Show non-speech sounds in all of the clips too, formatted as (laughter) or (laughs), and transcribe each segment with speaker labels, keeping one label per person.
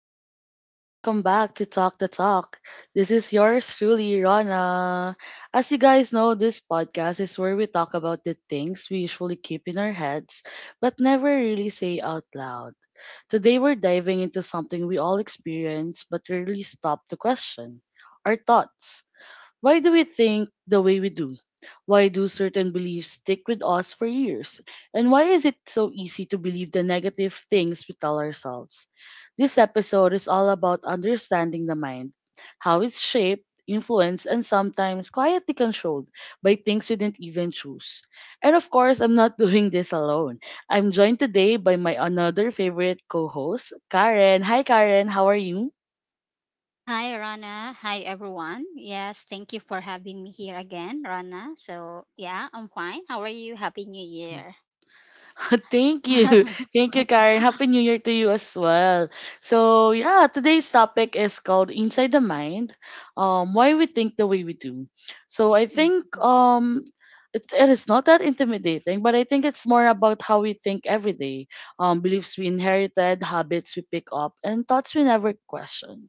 Speaker 1: everyone, welcome back to Talk the Talk. This is yours truly, Rana. As you guys know, this podcast is where we talk about the things we usually keep in our heads but never really say out loud. Today we're diving into something we all experience but rarely stop to question our thoughts. Why do we think the way we do? Why do certain beliefs stick with us for years? And why is it so easy to believe the negative things we tell ourselves? This episode is all about understanding the mind, how it's shaped, influenced, and sometimes quietly controlled by things we didn't even choose. And of course, I'm not (laughs) doing this alone. I'm joined today by my another favorite co-host, Karen. Hi Karen, how are you?
Speaker 2: Hi, Rana. Hi, everyone. Yes, thank you for having me here again, Rana. So, yeah, I'm fine. How are you? Happy New Year.
Speaker 1: (laughs) Thank you.
Speaker 2: (laughs)
Speaker 1: Thank you, Karen. Happy New Year to you as well. So, yeah, today's topic is called Inside the Mind, Why We Think the Way We Do. So, I think it is not that intimidating, but I think it's more about how we think every day, beliefs we inherited, habits we pick up, and thoughts we never question.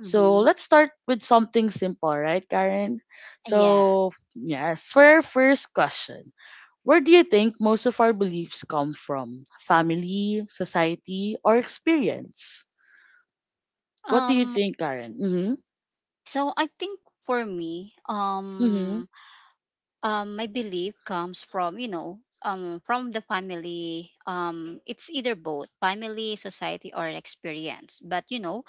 Speaker 1: So, let's start with something simple, right, Karen? So,
Speaker 2: Yes.
Speaker 1: yes, for our first question. Where do you think most of our beliefs come from? Family, society, or experience? What do you
Speaker 2: Um,
Speaker 1: think, Karen? Mm-hmm.
Speaker 2: so I think for me,
Speaker 1: Mm-hmm.
Speaker 2: my belief comes from from the family, it's either both family, society, or experience, but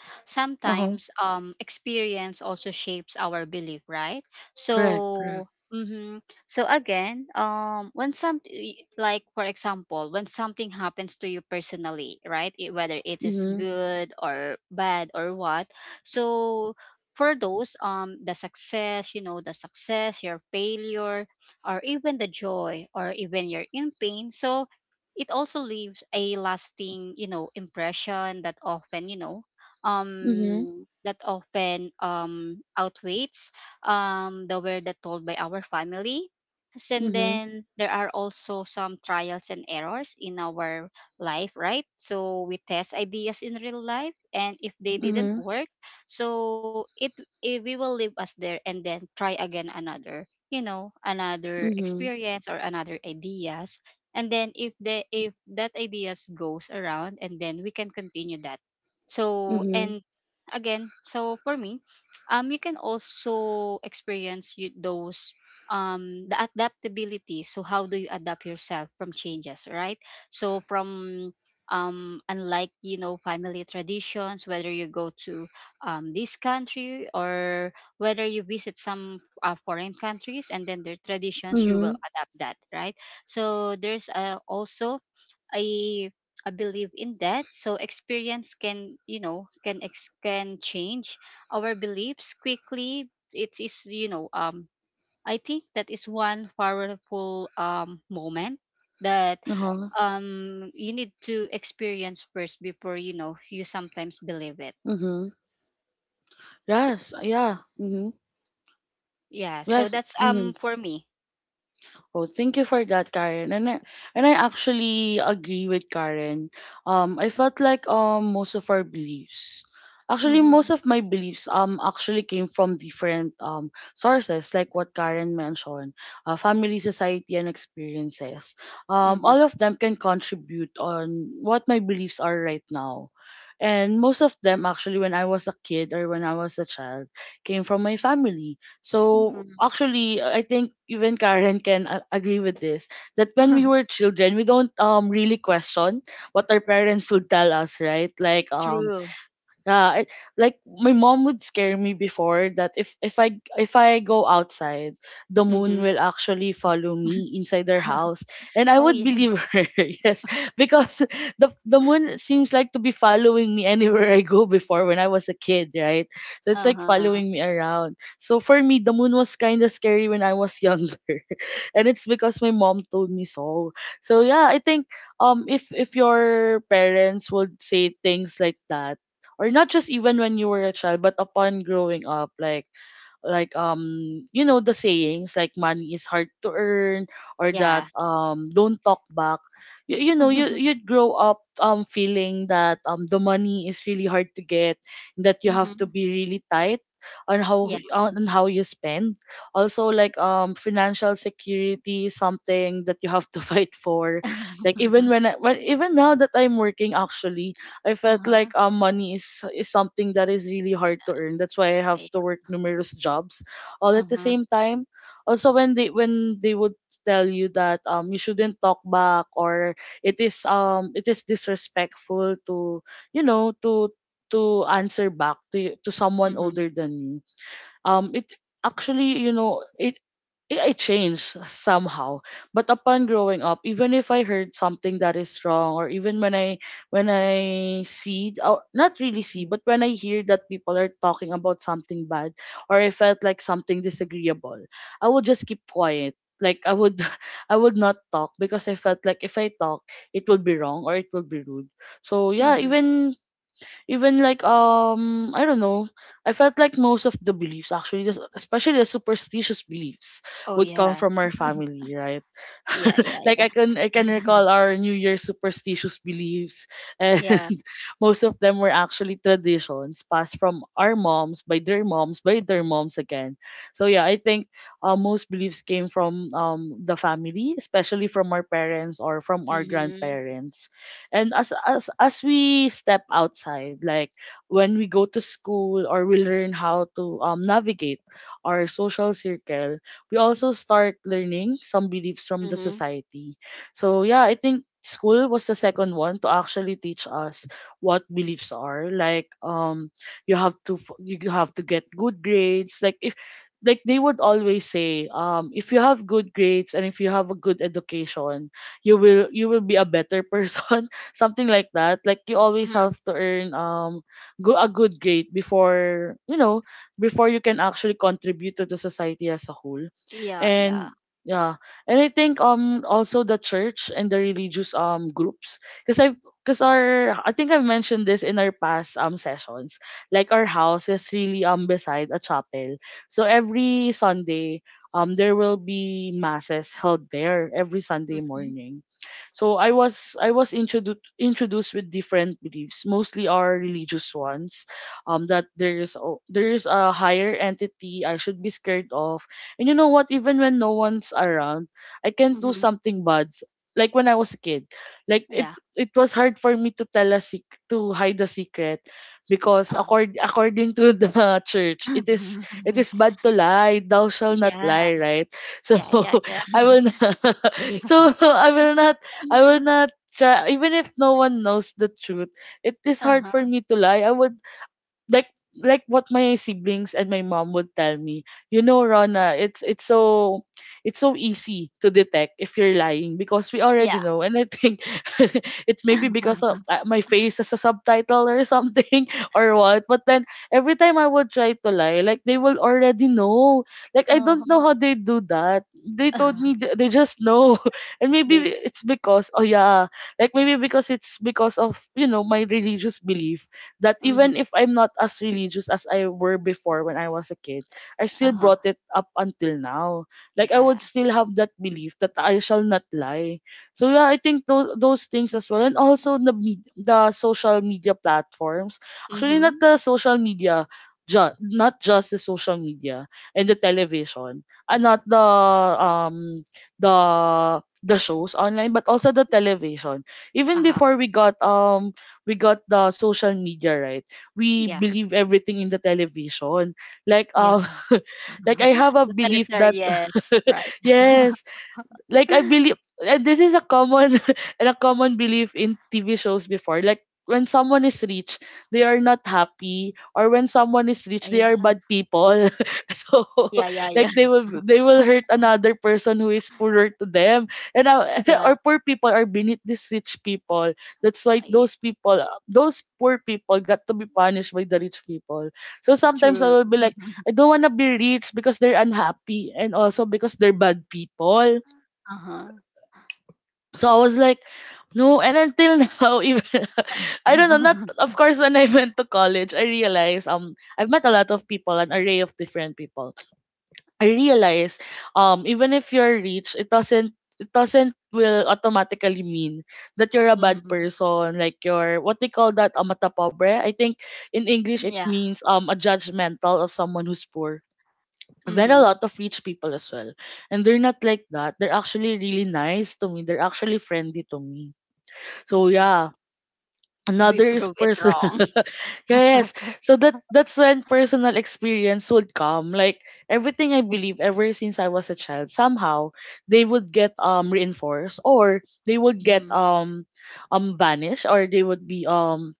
Speaker 1: Uh-huh.
Speaker 2: sometimes experience also shapes our belief, right?
Speaker 1: Correct,
Speaker 2: So
Speaker 1: correct.
Speaker 2: mm-hmm. so again When some like for example, when something happens to you personally, right, it, whether it is
Speaker 1: Mm-hmm.
Speaker 2: good or bad or what. So for those, the success, the success, your failure, or even the joy, or even you're in pain. So it also leaves a lasting, impression that
Speaker 1: Mm-hmm.
Speaker 2: often outweighs the word that told by our family. And
Speaker 1: Mm-hmm.
Speaker 2: then there are also some trials and errors in our life, right? So we test ideas in real life, and if they didn't
Speaker 1: Mm-hmm.
Speaker 2: work, so it we will leave us there and then try again another, another
Speaker 1: Mm-hmm.
Speaker 2: experience or another ideas. And then if the if that ideas goes around, and then we can continue that. So
Speaker 1: Mm-hmm.
Speaker 2: and again, so for me, you can also experience you, those, the adaptability. So how do you adapt yourself from changes, right? So from, unlike family traditions, whether you go to, this country, or whether you visit some foreign countries, and then their traditions, you
Speaker 1: Mm-hmm.
Speaker 2: will adapt that, right? So there's also a a belief in that. So experience can, can change our beliefs quickly. It is, I think that is one powerful moment that
Speaker 1: Uh-huh.
Speaker 2: you need to experience first before, you sometimes believe it.
Speaker 1: Mm-hmm. Yes, yeah. Mm-hmm.
Speaker 2: Yeah. So
Speaker 1: Yes.
Speaker 2: that's
Speaker 1: Mm-hmm.
Speaker 2: for me.
Speaker 1: Oh, thank you for that, Karen. And I actually agree with Karen. I felt like most of our beliefs, actually
Speaker 2: Mm-hmm.
Speaker 1: most of my beliefs actually came from different sources, like what Karen mentioned, family, society, and experiences.
Speaker 2: Mm-hmm.
Speaker 1: All of them can contribute on what my beliefs are right now. And most of them, actually, when I was a kid or when I was a child, came from my family. So
Speaker 2: Mm-hmm.
Speaker 1: actually, I think even Karen can agree with this, that when we were
Speaker 2: (laughs)
Speaker 1: children, we don't really question what our parents would tell us, right? Like um
Speaker 2: True.
Speaker 1: yeah, it, like my mom would scare me before that if I go outside, the
Speaker 2: Mm-hmm.
Speaker 1: moon will actually follow me inside their house, and I
Speaker 2: Oh
Speaker 1: would
Speaker 2: yes.
Speaker 1: believe her. (laughs) Yes, because the moon seems like to be following me anywhere I go before when I was a kid, right? So it's like
Speaker 2: Uh-huh.
Speaker 1: following me around. So for me, the moon was kind of scary when I was younger, (laughs) and it's because my mom told me so. So yeah, I think if your parents would say things like that, or not just even when you were a child but upon growing up, you know, the sayings like money is hard to earn, or that
Speaker 2: Yeah.
Speaker 1: don't talk back, you know, you
Speaker 2: (laughs)
Speaker 1: you'd grow up feeling that the money is really hard to get, that you have to
Speaker 2: Mm-hmm.
Speaker 1: be really tight on
Speaker 2: Yeah.
Speaker 1: how you spend. Also, like financial security is something that you have to (laughs) fight for. Like
Speaker 2: (laughs)
Speaker 1: even now that I'm working, actually I felt
Speaker 2: Uh-huh.
Speaker 1: like money is something that is really hard to earn. That's why I have
Speaker 2: Yeah.
Speaker 1: to work numerous jobs all at the
Speaker 2: Uh-huh.
Speaker 1: same time. Also, when they would tell you that you shouldn't talk back, or it is disrespectful to, you know, to answer back to to someone
Speaker 2: Mm-hmm.
Speaker 1: older than you, it actually you know it it, it changed somehow. But upon growing up, even if I heard something that is wrong, or even when I see, or not really see,
Speaker 2: Mm-hmm.
Speaker 1: but when I hear that people are talking about something bad, or I felt like something disagreeable, I would just keep quiet. Like I would (laughs) I would not talk because I felt like if I talk, it would be wrong or it would be rude. So yeah,
Speaker 2: Mm-hmm.
Speaker 1: even even like I don't know, I felt like most of the beliefs, actually especially the superstitious beliefs,
Speaker 2: Oh
Speaker 1: would come from
Speaker 2: yes.
Speaker 1: our
Speaker 2: (laughs)
Speaker 1: family, right?
Speaker 2: Yeah, yeah,
Speaker 1: (laughs) Like I
Speaker 2: yeah.
Speaker 1: can recall
Speaker 2: (laughs)
Speaker 1: our new year superstitious beliefs, and
Speaker 2: Yeah.
Speaker 1: (laughs) most of them were actually traditions passed from our moms, by their moms, by their moms again. So yeah, I think most beliefs came from the family, especially from our parents or from our
Speaker 2: Mm-hmm.
Speaker 1: grandparents. And as we step outside, like when we go to school, or we learn how to navigate our social circle, we also start learning some beliefs from the
Speaker 2: Mm-hmm.
Speaker 1: society. So yeah, I think school was the second one to actually teach us what beliefs are, like you have to you have to get good grades. Like if like they would always say, if you have good grades and if you have a good education, you will be a better (laughs) person, something like that. Like you always
Speaker 2: Mm-hmm.
Speaker 1: have to earn go a good grade before, you know, before you can actually contribute to the society as a whole.
Speaker 2: Yeah, yeah.
Speaker 1: And yeah, and I think also the church and the religious groups, because I've because our I think I've mentioned this in our past sessions. Like our house is really beside a chapel, so every Sunday there will be masses held there every Sunday
Speaker 2: Mm-hmm.
Speaker 1: morning. So I was introduced introduced with different beliefs, mostly our religious ones, that there there is a higher entity I should be scared of, and you know what? Even when no one's around, I can do
Speaker 2: Mm-hmm.
Speaker 1: something bad. Like when I was a kid, like it
Speaker 2: Yeah.
Speaker 1: it was hard for me to tell to hide the secret, because
Speaker 2: Uh.
Speaker 1: according to the (laughs) church, it is bad
Speaker 2: (laughs)
Speaker 1: to lie, thou shall not
Speaker 2: Yeah.
Speaker 1: lie, right? So
Speaker 2: Yeah, yeah,
Speaker 1: (laughs)
Speaker 2: yeah.
Speaker 1: I will not, (laughs) so
Speaker 2: (laughs)
Speaker 1: (laughs) I will not try even if no one knows the truth. It is hard for
Speaker 2: Uh-huh.
Speaker 1: me to lie. I would, like like what my siblings and my mom would tell me, you know, Rona, it's so easy to detect if you're lying because we
Speaker 2: Yeah.
Speaker 1: already know. And I think (laughs) it's maybe because
Speaker 2: (laughs)
Speaker 1: of my face as a subtitle or something, (laughs) or what, but then every time I would try to lie, like, they will already know. Like, I don't know how
Speaker 2: Uh-huh.
Speaker 1: they do that. They told me
Speaker 2: (laughs)
Speaker 1: they just know. (laughs) And maybe
Speaker 2: They
Speaker 1: it's because, oh yeah, like maybe because it's because of, you know, my religious belief, that
Speaker 2: mhm,
Speaker 1: even if I'm not as religious as I were before when I was a kid, I still
Speaker 2: uh-huh.
Speaker 1: brought it up until now. Like I would
Speaker 2: Yeah.
Speaker 1: still have that belief that I shall not lie. So yeah, I think those things as well, and also the social media platforms. Actually, not
Speaker 2: Mm-hmm.
Speaker 1: the social media. Not just the social media and the television, and not the um the the shows online, but also the television. Even
Speaker 2: Uh-huh.
Speaker 1: before we got the social media, right, we
Speaker 2: Yeah.
Speaker 1: believe everything in the television. Like
Speaker 2: Yeah.
Speaker 1: (laughs) like I
Speaker 2: (laughs)
Speaker 1: have a
Speaker 2: The
Speaker 1: belief
Speaker 2: Talisari,
Speaker 1: that
Speaker 2: yes,
Speaker 1: (laughs)
Speaker 2: right.
Speaker 1: yes, like I
Speaker 2: (laughs)
Speaker 1: believe, and this is a common (laughs) and a common belief in TV shows before. Like when someone is rich, they are not happy, or when someone is
Speaker 2: Yeah.
Speaker 1: rich, they are bad people. (laughs) So
Speaker 2: Yeah,
Speaker 1: (laughs)
Speaker 2: yeah, yeah.
Speaker 1: like they will
Speaker 2: (laughs)
Speaker 1: hurt another person who is poorer to them, and (laughs)
Speaker 2: Yeah.
Speaker 1: or poor people are beneath these rich people. That's why
Speaker 2: Uh, yeah.
Speaker 1: those people, those poor people, got to be punished by the rich people. So sometimes I
Speaker 2: True.
Speaker 1: will be like, I don't wanna be rich because they're unhappy, and also because they're bad people.
Speaker 2: Uh-huh.
Speaker 1: So I was like, no, and until (laughs) now, even (laughs) I don't know, not,
Speaker 2: (laughs)
Speaker 1: of course, when I went to college, I realized I've met a lot of people, an array of different people. I realized even if you're rich, it doesn't will automatically mean that you're a bad
Speaker 2: Mm-hmm.
Speaker 1: person, like you're what they call that amata pobre. I think in English it
Speaker 2: Yeah.
Speaker 1: means a judgmental of someone who's poor. I've met a
Speaker 2: Mm-hmm.
Speaker 1: lot of rich people as well. And they're not like that. They're actually really nice to me. They're actually friendly to me. So
Speaker 2: Mm-hmm.
Speaker 1: yeah,
Speaker 2: We
Speaker 1: another is
Speaker 2: prove it
Speaker 1: person.
Speaker 2: wrong.
Speaker 1: (laughs) Yes.
Speaker 2: (laughs)
Speaker 1: So that's when personal experience would come. Like everything I believe ever since I was a child, somehow they would get reinforced, or they would
Speaker 2: Mm-hmm.
Speaker 1: get vanished, or they would be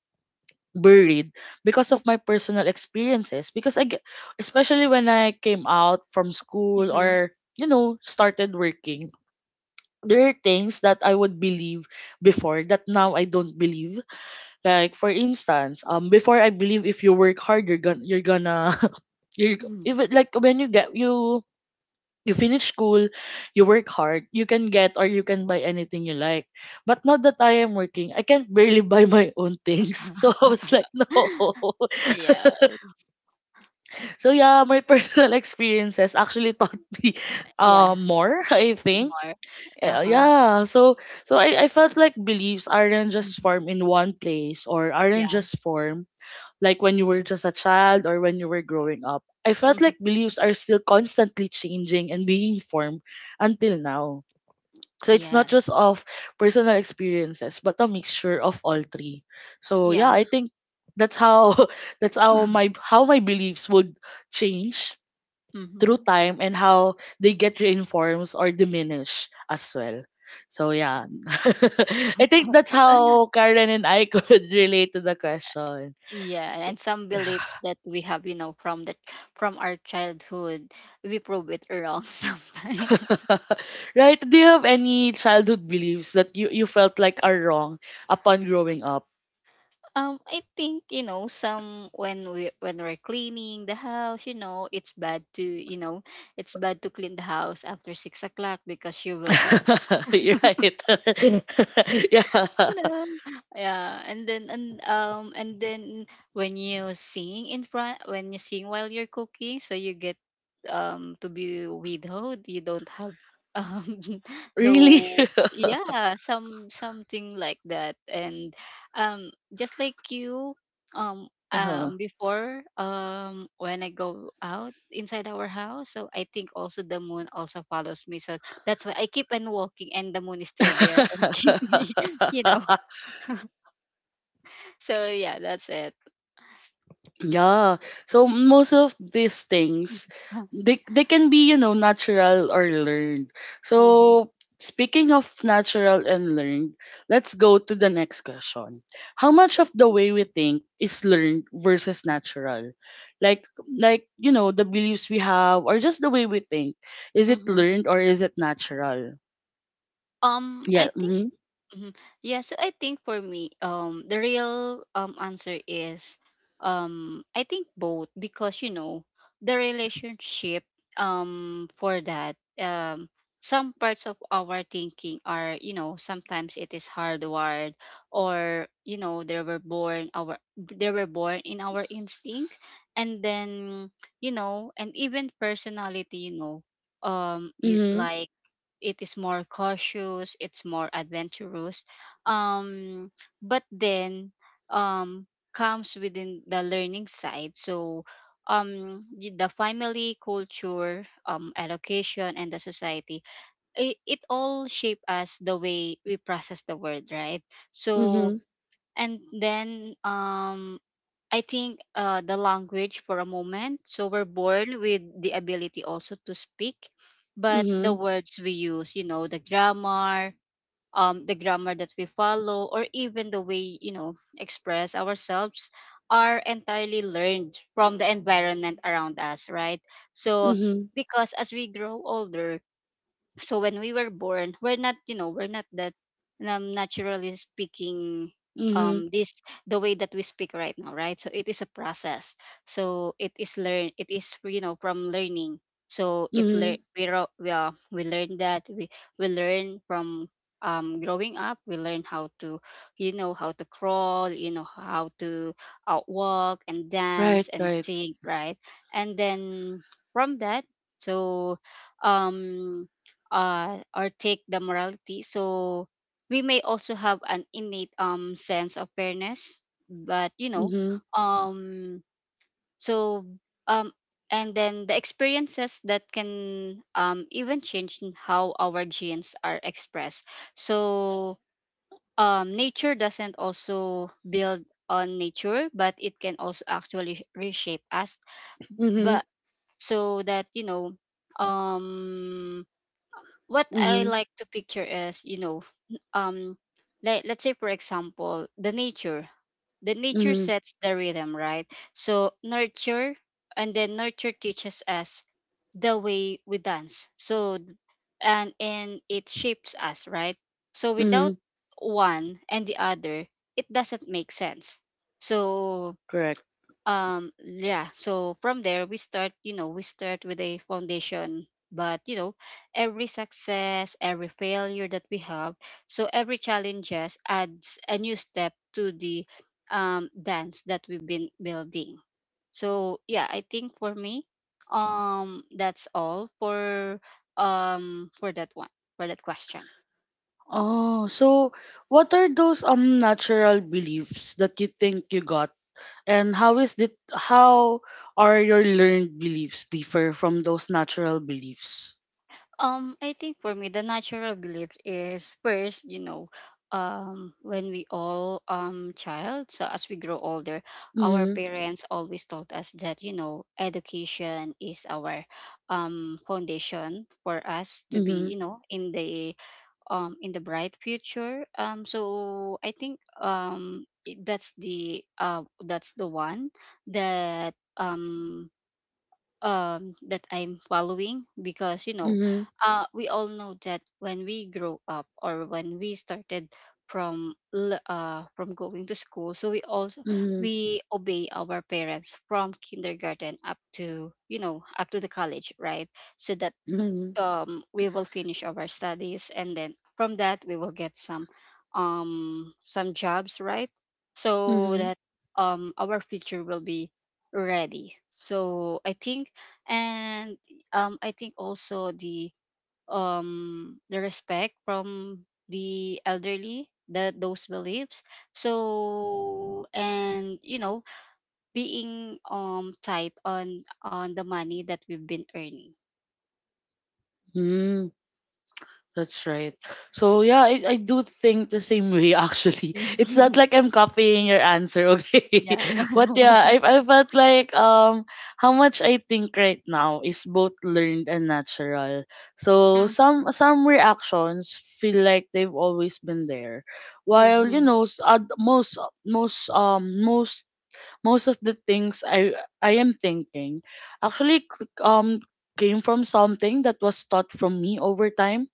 Speaker 1: buried because of my personal experiences. Because I get, especially when I came out from school
Speaker 2: Mm-hmm.
Speaker 1: or you know started working, there are things that I would believe before that now I don't believe. Like for instance, before I believe if you work hard, you're gonna (laughs) you're
Speaker 2: Mm.
Speaker 1: even like when you get you finish school, you work hard, you can get or you can buy anything you like. But now that I am working, I can't barely buy my own things. (laughs) So I was like, no.
Speaker 2: (laughs)
Speaker 1: (laughs)
Speaker 2: Yes.
Speaker 1: So yeah, my (laughs) personal experiences actually taught (laughs) me
Speaker 2: Uh, yeah.
Speaker 1: more, (laughs) I think.
Speaker 2: More. Uh-huh.
Speaker 1: Yeah, so I felt like beliefs aren't just
Speaker 2: Mm-hmm.
Speaker 1: formed in one place or aren't
Speaker 2: Yeah.
Speaker 1: just formed like when you were just a child or when you were growing up. I felt
Speaker 2: Mm-hmm.
Speaker 1: like beliefs are still constantly changing and being formed until now. So it's not just
Speaker 2: Yes.
Speaker 1: of personal experiences, but a mixture of all three. So yeah,
Speaker 2: Yeah.
Speaker 1: I think that's how (laughs) that's how
Speaker 2: (laughs)
Speaker 1: my beliefs would change through
Speaker 2: Mhm.
Speaker 1: time and how they get reinforced or diminished as well. So yeah. (laughs) I think that's how
Speaker 2: (laughs)
Speaker 1: Karen and I could (laughs) relate to the question.
Speaker 2: Yeah,
Speaker 1: So
Speaker 2: and some
Speaker 1: (laughs)
Speaker 2: beliefs that we have, you know, from the from our childhood, we prove it wrong (laughs) sometimes.
Speaker 1: (laughs) right? Do you have any childhood beliefs that you felt like are wrong upon growing up?
Speaker 2: I think you know some when we're cleaning the house, you know, it's bad to clean the house after 6 o'clock because you will get.
Speaker 1: (laughs) You're right. (laughs) Yeah.
Speaker 2: You know, yeah, and then when you sing in front when you sing while you're cooking, so you get to be widowed. You don't have um (laughs)
Speaker 1: Really?
Speaker 2: though yeah, some something like that. And just like you,
Speaker 1: (laughs) Uh-huh.
Speaker 2: before when I go out inside our house, so I think also the moon also follows me. So that's why I keep on walking and the moon is still there, and (laughs) keep me (laughs) you know.
Speaker 1: (laughs)
Speaker 2: (laughs) So yeah, that's it.
Speaker 1: Yeah. So most of these things
Speaker 2: (laughs)
Speaker 1: they can be, you know, natural or learned.
Speaker 2: Mm-hmm.
Speaker 1: So speaking of natural and learned, let's go to the next question. How much of the way we think is learned versus natural? Like, you know, the beliefs we have or just the way we think. Is it
Speaker 2: Mm-hmm.
Speaker 1: learned or is it natural?
Speaker 2: I
Speaker 1: Yeah.
Speaker 2: think
Speaker 1: Mhm.
Speaker 2: Mhm. Yeah, so I think for me, the real answer is, I think both, because you know, the relationship for that some parts of our thinking are, you know, sometimes it is hardwired, or you know, they were born in our instinct. And then, you know, and even personality, you know, it,
Speaker 1: Mhm.
Speaker 2: like it is more cautious, it's more adventurous, um but then um comes within the learning side. So the family, culture, education, and the society, it all shape us the way we process the word, right? So
Speaker 1: Mhm.
Speaker 2: and then I think the language for a moment. So we're born with the ability also to speak, but the
Speaker 1: Mhm.
Speaker 2: words we use, you know, the grammar that we follow, or even the way, you know, express ourselves, are entirely learned from the environment around us, right? So
Speaker 1: Mhm.
Speaker 2: because as we grow older, so when we were born, we're not, you know, we're not that naturally speaking
Speaker 1: Mhm.
Speaker 2: this, the way that we speak right now, right? So it is a process. So it is learn, it is, you know, from learning. So it
Speaker 1: Mhm.
Speaker 2: learn we ro- we learn that we learn from growing up. We learn how to, you know, how to crawl, you know, how to walk and
Speaker 1: Right,
Speaker 2: dance and
Speaker 1: right.
Speaker 2: sing, right? And then from that, so um or take the morality. So we may also have an innate sense of fairness, but you know,
Speaker 1: Mhm.
Speaker 2: um, so um, and then the experiences that can even change in how our genes are expressed. So nature doesn't also build on nature, but it can also actually reshape us.
Speaker 1: Mhm.
Speaker 2: But so that you know, um what I
Speaker 1: Mhm.
Speaker 2: like to picture is, you know, um, let's say for example, the nature. The nature
Speaker 1: Mm,
Speaker 2: sets the rhythm, right? So nurture, and then nurture teaches us the way we dance. So and it shapes us, right? So without
Speaker 1: mm,
Speaker 2: one and the other, it doesn't make sense. So
Speaker 1: correct.
Speaker 2: yeah, so from there we start, you know, we start with a foundation, but you know, every success, every failure that we have, so every challenges adds a new step to the dance that we've been building. So yeah, I think for me, that's all for that one, for that question.
Speaker 1: Oh, so what are those natural beliefs that you think you got, and how is it? How are your learned beliefs differ from those natural beliefs?
Speaker 2: I think for me, the natural belief is first, you know, when we all child, so as we grow older, our
Speaker 1: Mm,
Speaker 2: parents always told us that you know education is our foundation for us to be,
Speaker 1: mm,
Speaker 2: you know, in the bright future. So I think that's the one that that I'm following, because you know
Speaker 1: mm,
Speaker 2: we all know that when we grow up, or when we started from going to school, so we also
Speaker 1: Hmm.
Speaker 2: we obey our parents from kindergarten up to you know up to the college, right? So that
Speaker 1: Mm,
Speaker 2: we will finish our studies, and then from that we will get some jobs, right?
Speaker 1: Hmm.
Speaker 2: So
Speaker 1: Mm,
Speaker 2: that our future will be ready. So I think, and I think also the respect from the elderly, the those beliefs, so and you know being tight on the money that we've been earning.
Speaker 1: mm. That's right. So yeah, I do think the same way actually. (laughs) It's not
Speaker 2: (laughs)
Speaker 1: like I'm copying your answer, okay?
Speaker 2: Yeah.
Speaker 1: (laughs) But yeah,
Speaker 2: (laughs)
Speaker 1: I felt like how much I think right now is both learned and natural. So
Speaker 2: Mm,
Speaker 1: some reactions feel like they've always been there. While you
Speaker 2: mhm,
Speaker 1: know most most of the things I am thinking actually came from something that was taught from me over time.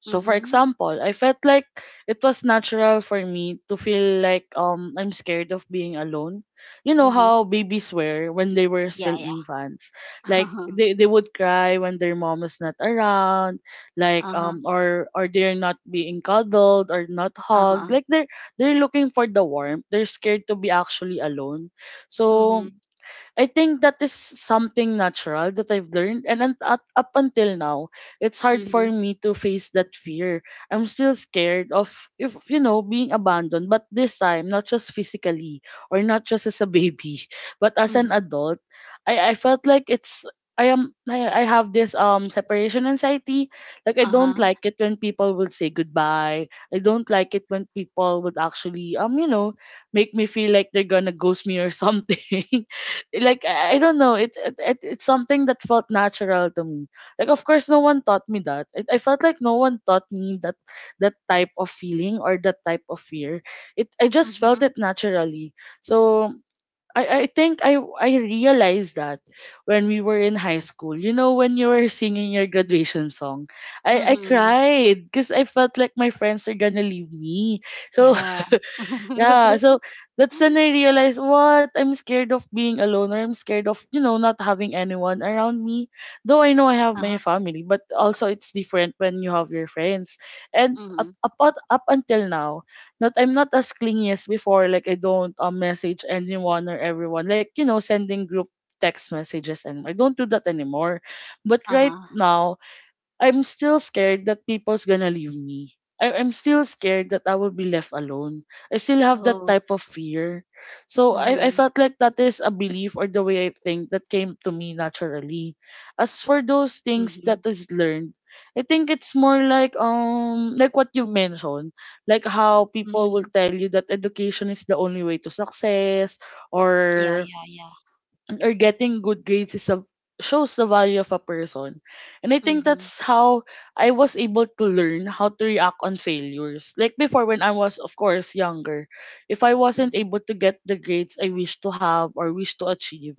Speaker 1: So for
Speaker 2: mhm,
Speaker 1: example, I felt like it was natural for me to feel like I'm scared of being alone. You know
Speaker 2: mhm.
Speaker 1: how babies were when they were
Speaker 2: Yeah,
Speaker 1: still
Speaker 2: yeah.
Speaker 1: infants.
Speaker 2: (laughs)
Speaker 1: Like
Speaker 2: Uh-huh,
Speaker 1: they would cry when their mom is not around, like
Speaker 2: uh-huh,
Speaker 1: or they're not being cuddled or not
Speaker 2: uh-huh.
Speaker 1: hugged. Like they're looking for the warmth. They're scared to be actually alone. So
Speaker 2: Mhm,
Speaker 1: I think that is something natural that I've learned, and up until now, it's hard for
Speaker 2: mhm,
Speaker 1: me to face that fear. I'm still scared of if you know being abandoned, but this time not just physically or not just as a baby, (laughs) but as an
Speaker 2: mhm,
Speaker 1: adult, I felt like it's. I have this separation anxiety. Like I don't
Speaker 2: uh-huh,
Speaker 1: like it when people will say goodbye. I don't like it when people would actually you know make me feel like they're gonna ghost me or something. (laughs) Like I don't know it's something that felt natural to me. Like of course no one taught me that I felt like no one taught me that that type of feeling or that type of fear. It I just felt
Speaker 2: mhm,
Speaker 1: it naturally. So I think I realized that when we were in high school, you know, when you were singing your graduation song, I
Speaker 2: mhm.
Speaker 1: cried because I felt like my friends are gonna leave me. So
Speaker 2: Yeah. (laughs)
Speaker 1: yeah, so that's when I realized what I'm scared of being alone, or I'm scared of, you know, not having anyone around me. Though I know I
Speaker 2: Uh-huh,
Speaker 1: have my family, but also it's different when you have your friends. And up
Speaker 2: mhm,
Speaker 1: up, up up until now, not I'm not as clingy as before, like I don't message anyone or everyone. Like, you know, sending group text messages, and I don't do that anymore. But right
Speaker 2: uh-huh.
Speaker 1: now I'm still scared that people's gonna leave me. I'm still scared that I will be left alone. I still have that
Speaker 2: Oh,
Speaker 1: type of fear. So I
Speaker 2: mhm,
Speaker 1: felt like that is a belief or the way I think that came to me naturally. As for those
Speaker 2: mhm,
Speaker 1: things that is learned, I think it's more like what you've mentioned, like how people
Speaker 2: mhm.
Speaker 1: will tell you that education is the only way to success
Speaker 2: Yeah,
Speaker 1: or
Speaker 2: yeah, yeah.
Speaker 1: or getting good grades is a, shows the value of a person. And I think
Speaker 2: Mhm,
Speaker 1: that's how I was able to learn how to react on failures. Like before, when I was, of course, younger, if I
Speaker 2: mhm.
Speaker 1: wasn't able to get the grades I wish to have or wish to achieve,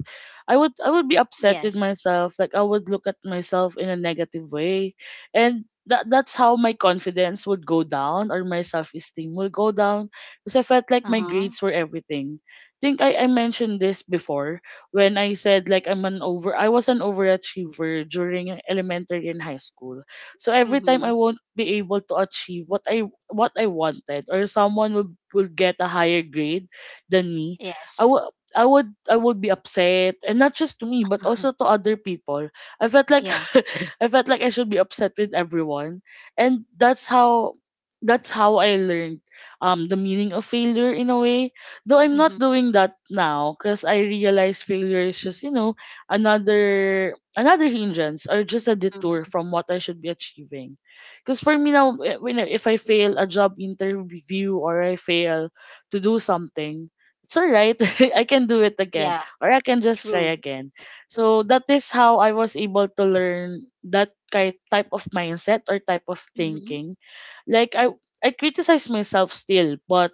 Speaker 1: I would be
Speaker 2: Yes.
Speaker 1: upset with myself. Like I would look at myself in a negative way, and that's how my confidence would go down or my self esteem would go down because I felt like my
Speaker 2: Uh-huh,
Speaker 1: grades were everything. Think I mentioned this before when I said like I was an overachiever during elementary and high school. So every time
Speaker 2: mhm.
Speaker 1: I won't be able to achieve what I wanted, or someone would get a higher grade than me, I
Speaker 2: Yes.
Speaker 1: would I would be upset and not just to me but
Speaker 2: Uh-huh.
Speaker 1: also to other people. I felt like
Speaker 2: Yeah.
Speaker 1: (laughs) I felt like I should be upset with everyone. And that's how I learned the meaning of failure in a way. Though I'm
Speaker 2: Mhm,
Speaker 1: not doing that now because I realize failure is just, you know, another hindrance or just a detour
Speaker 2: mhm.
Speaker 1: from what I should be achieving. Because for me now, when if I fail a job interview or I fail to do something, it's alright. (laughs) I can do it
Speaker 2: Yeah.
Speaker 1: again, or I can just
Speaker 2: True.
Speaker 1: try again. So that is how I was able to learn that type of mindset or type of
Speaker 2: Mhm.
Speaker 1: thinking. Like I criticize myself still, but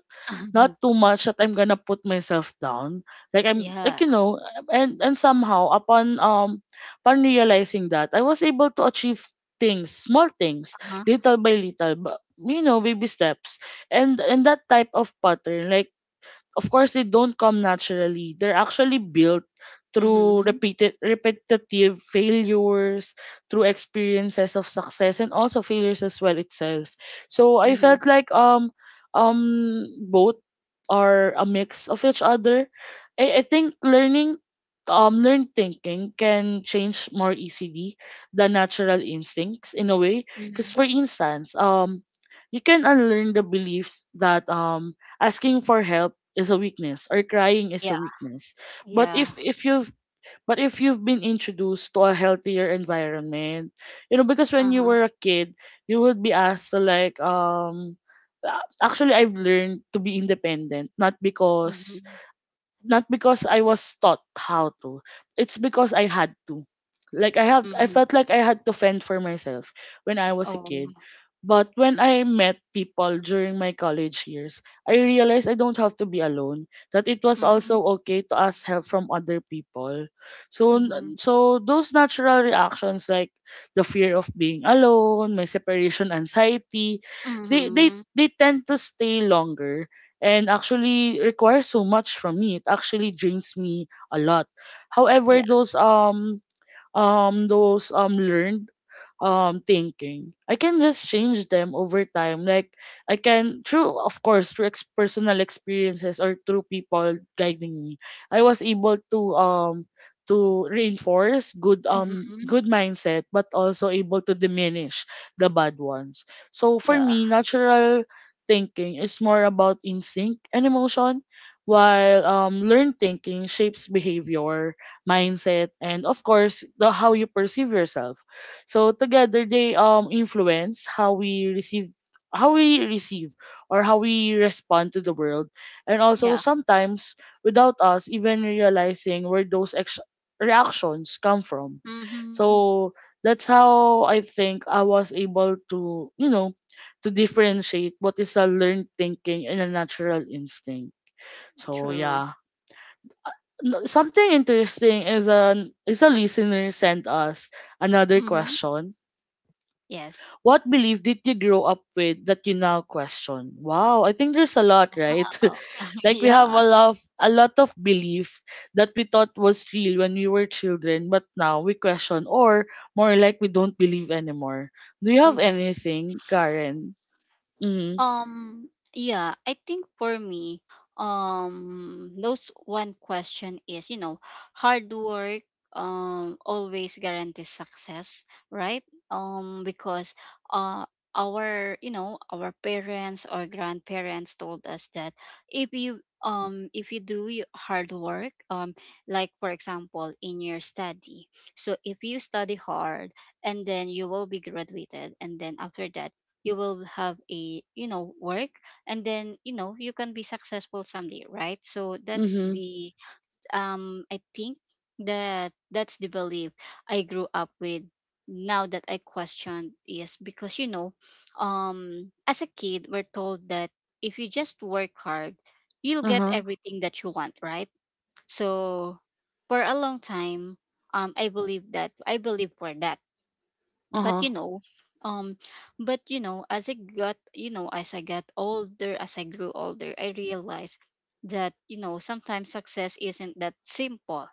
Speaker 1: not
Speaker 2: (laughs)
Speaker 1: too much that I'm gonna put myself down. Like I'm
Speaker 2: Yeah.
Speaker 1: like you know, and somehow upon realizing that I was able to achieve things, small things,
Speaker 2: Uh-huh.
Speaker 1: little by little, but you know, baby steps. And that type of pattern, like of course they don't come naturally, they're actually built through
Speaker 2: Mhm.
Speaker 1: repeated repetitive failures, through experiences of success and also failures as well itself. So I
Speaker 2: Mhm.
Speaker 1: felt like both are a mix of each other. I think learning learned thinking can change more easily than natural instincts in a way.
Speaker 2: Mhm.
Speaker 1: Because for instance you can unlearn the belief that asking for help is a weakness or crying is a
Speaker 2: Yeah.
Speaker 1: weakness. But
Speaker 2: Yeah.
Speaker 1: if you've been introduced to a healthier environment, you know, because when you
Speaker 2: Uh-huh.
Speaker 1: were a kid you would be asked to like actually I've learned to be independent
Speaker 2: Mhm.
Speaker 1: not because I was taught how to. It's because I had to. Like I
Speaker 2: Mhm.
Speaker 1: felt like I had to fend for myself when I was a
Speaker 2: Oh.
Speaker 1: kid. But when I met people during my college years, I realized I don't have to be alone. That it was
Speaker 2: Mhm.
Speaker 1: also okay to ask help from other people. So
Speaker 2: Mhm.
Speaker 1: so those natural reactions, like the fear of being alone, my separation anxiety, they they
Speaker 2: Mhm.
Speaker 1: they tend to stay longer and actually requires so much from me. It actually drains me a lot. However,
Speaker 2: Yeah.
Speaker 1: those learned thinking. I can just change them over time. Like I can through of course through personal experiences or through people guiding me. I was able to reinforce good
Speaker 2: Mhm.
Speaker 1: good mindset, but also able to diminish the bad ones. So for
Speaker 2: Yeah.
Speaker 1: me natural thinking is more about instinct and emotion, while learned thinking shapes behavior, mindset, and of course the how you perceive yourself. So together they influence how we receive or how we respond to the world, and also
Speaker 2: Yeah.
Speaker 1: sometimes without us even realizing where those reactions come from.
Speaker 2: Mhm.
Speaker 1: So that's how I think I was able to, you know, to differentiate what is a learned thinking and a natural instinct. So
Speaker 2: True.
Speaker 1: yeah. Something interesting is an is a listener sent us another
Speaker 2: Mhm.
Speaker 1: question.
Speaker 2: Yes.
Speaker 1: What belief did you grow up with that you now question? Wow, I think there's a lot, right?
Speaker 2: Oh. (laughs)
Speaker 1: (laughs) Like we have a
Speaker 2: Yeah.
Speaker 1: lot of, a lot of belief that we thought was real when we were children, but now we question, or more like we don't believe anymore. Do you have
Speaker 2: Mhm.
Speaker 1: anything, Karen? Mhm.
Speaker 2: Um, yeah, I think for me, those one question is, you know, hard work always guarantees success, right? Because uh our you know our parents or grandparents told us that if you do your hard work like for example in your study. So if you study hard and then you will be graduated, and then after that you will have a, you know, work. And then you know you can be successful someday, right? So that's
Speaker 1: Mhm.
Speaker 2: the I think that that's the belief I grew up with. Now that I question is because you know as a kid, we're told that if you just work hard you'll get
Speaker 1: Uh-huh.
Speaker 2: everything that you want, right? So for a long time, I believe that I believe for that, but you
Speaker 1: Uh-huh.
Speaker 2: know um but you know as I got, you know, as I got older, as I grew older, I realized that you know sometimes success isn't that simple.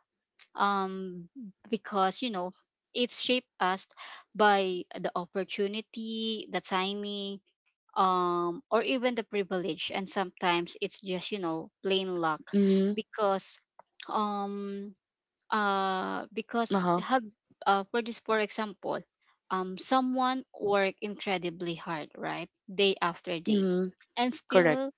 Speaker 2: um because you know it's shaped us by the opportunity, the timing, or even the privilege, and sometimes it's just, you know, plain luck.
Speaker 1: Mhm.
Speaker 2: Because um because
Speaker 1: Uh-huh.
Speaker 2: have for this for example, someone work incredibly hard, right, day after day,
Speaker 1: Mhm.
Speaker 2: and
Speaker 1: Correct.
Speaker 2: still,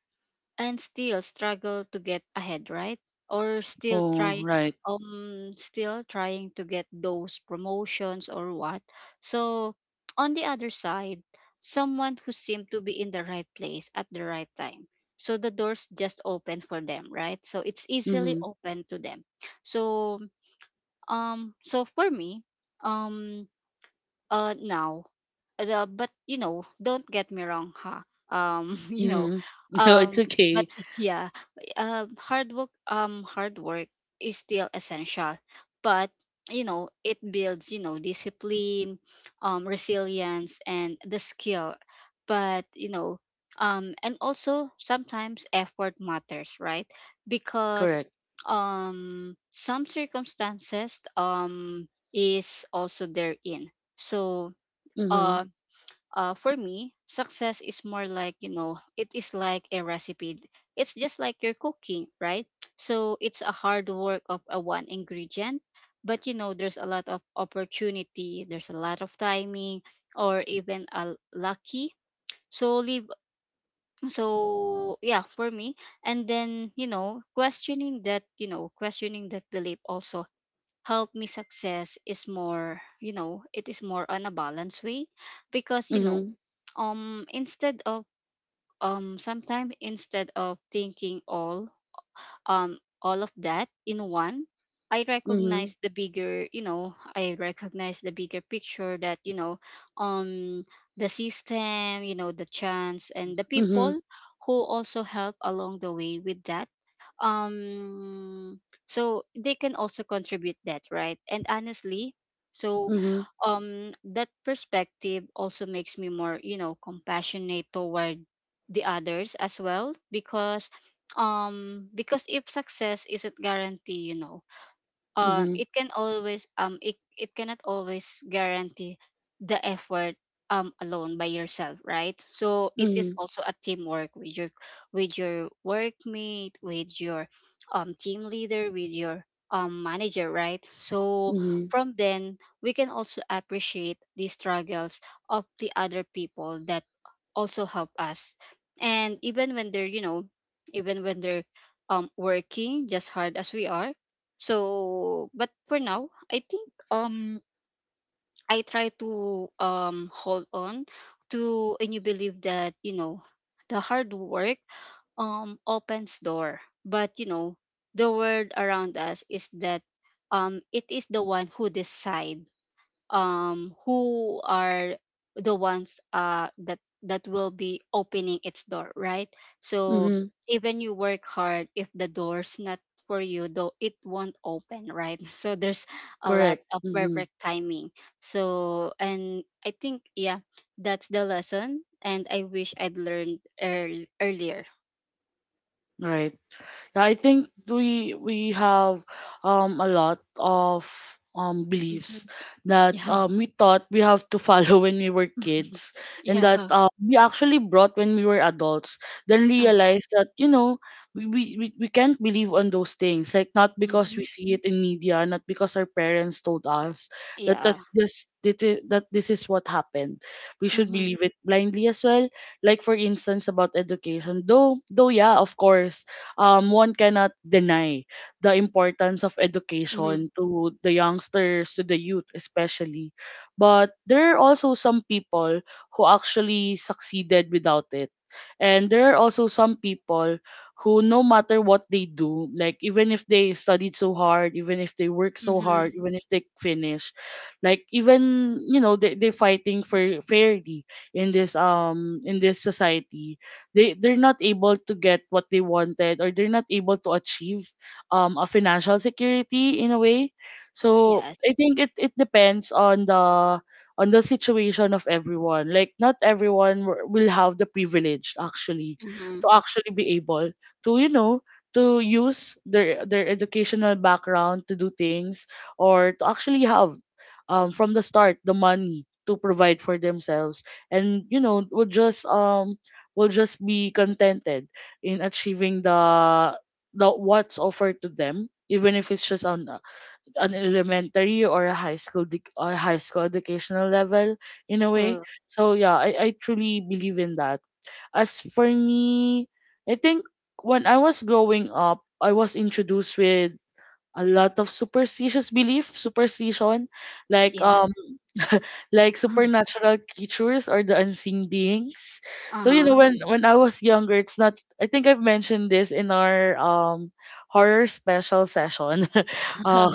Speaker 2: and still struggle to get ahead, right? Or still
Speaker 1: Oh,
Speaker 2: try
Speaker 1: right.
Speaker 2: still trying to get those promotions or what. So on the other side, someone who seemed to be in the right place at the right time, so the doors just open for them, right? So it's easily
Speaker 1: Mhm.
Speaker 2: open to them. So so for me, um, now, the, but you know don't get me wrong, huh? (laughs) You know,
Speaker 1: Mhm. (laughs) No,
Speaker 2: um
Speaker 1: it's
Speaker 2: but
Speaker 1: okay.
Speaker 2: (laughs) yeah, hard work is still essential, but You know it builds, discipline, resilience and the skill. But you know And also sometimes effort matters, right? Because
Speaker 1: Correct.
Speaker 2: some circumstances is also therein. So
Speaker 1: Mhm.
Speaker 2: uh, for me, success is more like, you know, it is like a recipe. It's just like you're cooking, right? So it's a hard work of a one ingredient, but, there's a lot of opportunity, there's a lot of timing, or even a lucky. So leave. So yeah, for me, and then, questioning that, questioning that belief also help me. Success is more, it is more on a balanced way, because
Speaker 1: Mhm.
Speaker 2: instead of sometimes instead of thinking all, all of that in one,
Speaker 1: Mhm.
Speaker 2: I recognize the bigger picture that, um the system, the chance and the
Speaker 1: Mhm.
Speaker 2: people who also help along the way with that. um so they can also contribute that, right? And honestly, so
Speaker 1: Mhm.
Speaker 2: that perspective also makes me more, compassionate toward the others as well, because if success isn't guaranteed,
Speaker 1: Mhm.
Speaker 2: it can always it cannot always guarantee the effort alone by yourself, right? So it is
Speaker 1: Mhm,
Speaker 2: also a teamwork with your, with your workmate, with your team leader, with your manager, right? So
Speaker 1: mhm,
Speaker 2: from then we can also appreciate the struggles of the other people that also help us, and even when they're, even when they're working just hard as we are. So but for now I think, I try to hold on to a new belief that, the hard work opens door, but the world around us is that, it is the one who decides who are the ones that will be opening its door, right? So
Speaker 1: mhm,
Speaker 2: even you work hard, if the door's not for you though, it won't open, right? (laughs) So there's a lot
Speaker 1: correct,
Speaker 2: of
Speaker 1: mhm,
Speaker 2: perfect timing. So and I think, yeah, that's the lesson and I wish I'd learned earlier.
Speaker 1: right. Yeah, I think we have a lot of
Speaker 2: Hmm.
Speaker 1: beliefs that
Speaker 2: Yeah.
Speaker 1: we thought we have to follow (laughs) when we were
Speaker 2: (laughs)
Speaker 1: kids, and that
Speaker 2: Yeah.
Speaker 1: we actually brought when we were adults, then
Speaker 2: Uh huh.
Speaker 1: realized that, you know, we can't believe on those things, like not because we see it in media, not because our parents told us that
Speaker 2: Yeah.
Speaker 1: that's this that I- that this is what happened, we should
Speaker 2: Mm-hmm.
Speaker 1: believe it blindly as well. Like, for instance, about education, though, yeah, of course, one cannot deny the importance of
Speaker 2: Mm-hmm.
Speaker 1: education to the youngsters, to the youth especially. But there are also some people who actually succeeded without it. And there are also some people who, no matter what they do, like even if they studied so hard, even if they work so
Speaker 2: Mm-hmm.
Speaker 1: hard, even if they finish, like, even, you know, they're fighting for fairly in this society, they're not able to get what they wanted, or they're not able to achieve a financial security in a way. So
Speaker 2: Yes.
Speaker 1: I think it depends on the situation of everyone. Like, not everyone will have the privilege, actually,
Speaker 2: Mm-hmm.
Speaker 1: to actually be able to, you know, to use their educational background to do things, or to actually have, from the start, the money to provide for themselves, and, you know, would just will just be contented in achieving the what's offered to them, even if it's just on an elementary or a high school educational level in a way. So yeah, I truly believe in that. As for me, I think when I was growing up, I was introduced with a lot of superstitious belief, superstition, like,
Speaker 2: Yeah.
Speaker 1: like
Speaker 2: (laughs)
Speaker 1: supernatural creatures or the unseen beings. So, you know,
Speaker 2: Uh-huh.
Speaker 1: when I was younger, it's not. I think I've mentioned this in our horror special session. (laughs) um,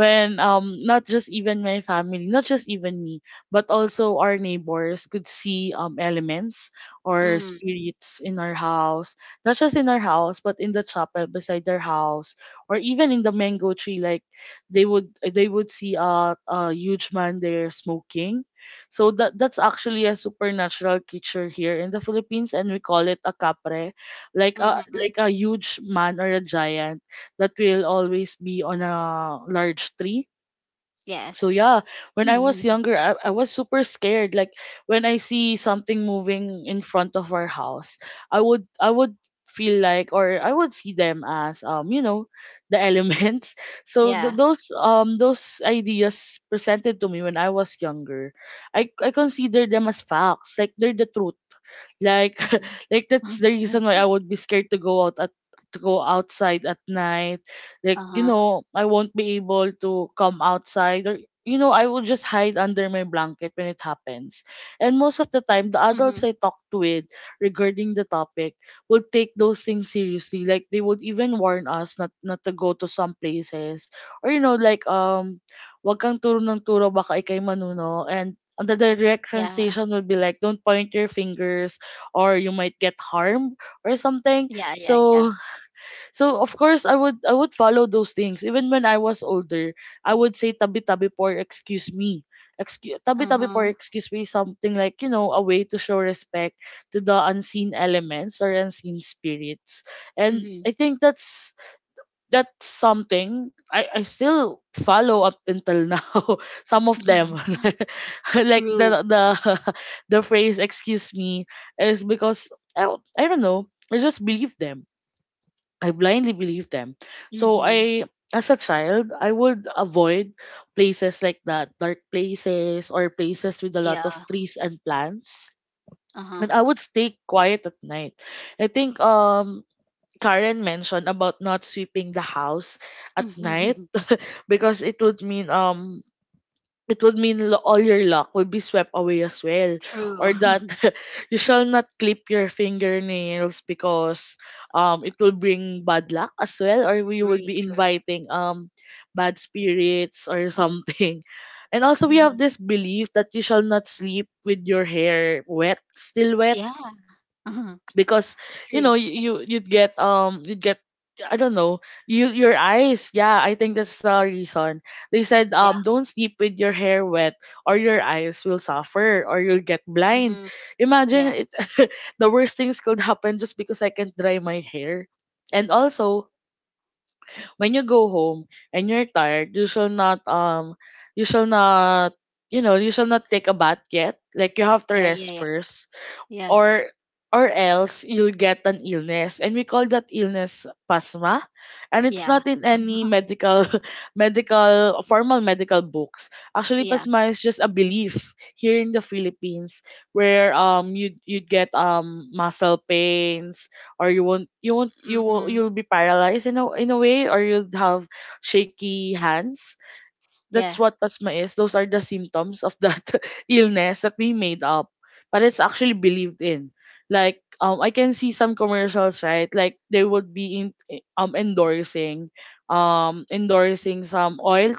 Speaker 1: when, not just even my family, not just even me, but also our neighbors could see elements or
Speaker 2: Mhm. Mhm.
Speaker 1: spirits in our house, not just in our house, but in the chapel beside their house, or even in the mango tree. Like they would see a huge man there smoking. So that's actually a supernatural creature here in the Philippines, and we call it a capre, like a
Speaker 2: (laughs)
Speaker 1: like a huge man or a giant that will always be on a large tree. So
Speaker 2: Yes.
Speaker 1: yeah, when I
Speaker 2: (laughs)
Speaker 1: was younger, I was super scared. Like, when I see something moving in front of our house, I would feel like, or I would see them as, you know, the elements. (laughs) So th-
Speaker 2: Yeah.
Speaker 1: those um those ideas presented to me when I was younger, I consider them as facts. Like, they're the truth. Like, (laughs)
Speaker 2: Mhm.
Speaker 1: like that's the reason why
Speaker 2: (laughs)
Speaker 1: I would be scared to go outside at night. Like, you
Speaker 2: Uh-huh.
Speaker 1: know, I won't be able to come outside, or, you know, I will just hide under my blanket when it happens.
Speaker 2: Mhm.
Speaker 1: And most of the time, the adults I talked with regarding the topic would take those things seriously. Like, they would even warn us not to go to some places. Or, you know, like, wag kang turo ng turo baka ikay manuno, and the direct
Speaker 2: Yeah. (laughs)
Speaker 1: translation would be like, don't point your fingers, or you might get harmed or something.
Speaker 2: Yeah, yeah, yeah.
Speaker 1: So, of course, I would follow those things even when I was older. I would say tabi tabi por, excuse me. Excuse Tabi tabi
Speaker 2: Uh-huh.
Speaker 1: por, excuse me, something like, you know, a way to show respect to the unseen elements or unseen spirits. And
Speaker 2: Mhm.
Speaker 1: I think that's something I still follow up until now. (laughs) Some of them.
Speaker 2: (laughs)
Speaker 1: (laughs) (laughs) Like
Speaker 2: True.
Speaker 1: the (laughs) the phrase "excuse me" is because I don't know. I just believe them. I blindly believe them. So
Speaker 2: Mhm.
Speaker 1: I, as a child, I would avoid places like that, dark places or places with a lot
Speaker 2: Yeah.
Speaker 1: of trees and plants.
Speaker 2: Uh-huh.
Speaker 1: And I would stay quiet at night. I think Karen mentioned about not sweeping the house at night,
Speaker 2: (laughs)
Speaker 1: because it would mean all your luck will be swept away as well.
Speaker 2: True.
Speaker 1: Or
Speaker 2: (laughs)
Speaker 1: that, (laughs) you shall not clip your fingernails, because it will bring bad luck as well, or you
Speaker 2: True,
Speaker 1: would be
Speaker 2: true.
Speaker 1: inviting bad spirits or something. (laughs) And also, we have
Speaker 2: Mhm.
Speaker 1: this belief that you shall not sleep with your hair wet, still wet,
Speaker 2: Yeah. Uh-huh.
Speaker 1: because, you
Speaker 2: True.
Speaker 1: know, you'd get, I don't know, your eyes. Yeah, I think that's the reason they said,
Speaker 2: Yeah.
Speaker 1: don't sleep with your hair wet, or your eyes will suffer, or you'll get blind.
Speaker 2: Mhm. Yeah.
Speaker 1: Imagine it. (laughs) The worst things could happen just because I can't dry my hair. And also, when you go home and you're tired, you shall not you shall not take a bath yet. Like, you have to
Speaker 2: Yeah, yeah,
Speaker 1: rest
Speaker 2: yeah.
Speaker 1: first,
Speaker 2: Yes.
Speaker 1: or or else you'll get an illness, and we call that illness pasma. And it's
Speaker 2: Yeah.
Speaker 1: not in any medical (laughs) medical formal medical books. Actually,
Speaker 2: Yeah.
Speaker 1: pasma is just a belief here in the Philippines, where, you'd get muscle pains, or you won't you won't you will
Speaker 2: Mhm.
Speaker 1: you'll be paralyzed in a way, or you'll have shaky hands.
Speaker 2: Yeah.
Speaker 1: That's what asthma is. Those are the symptoms of that (laughs) illness that we made up, but it's actually believed in. Like, I can see some commercials, right? Like, they would be endorsing some oil,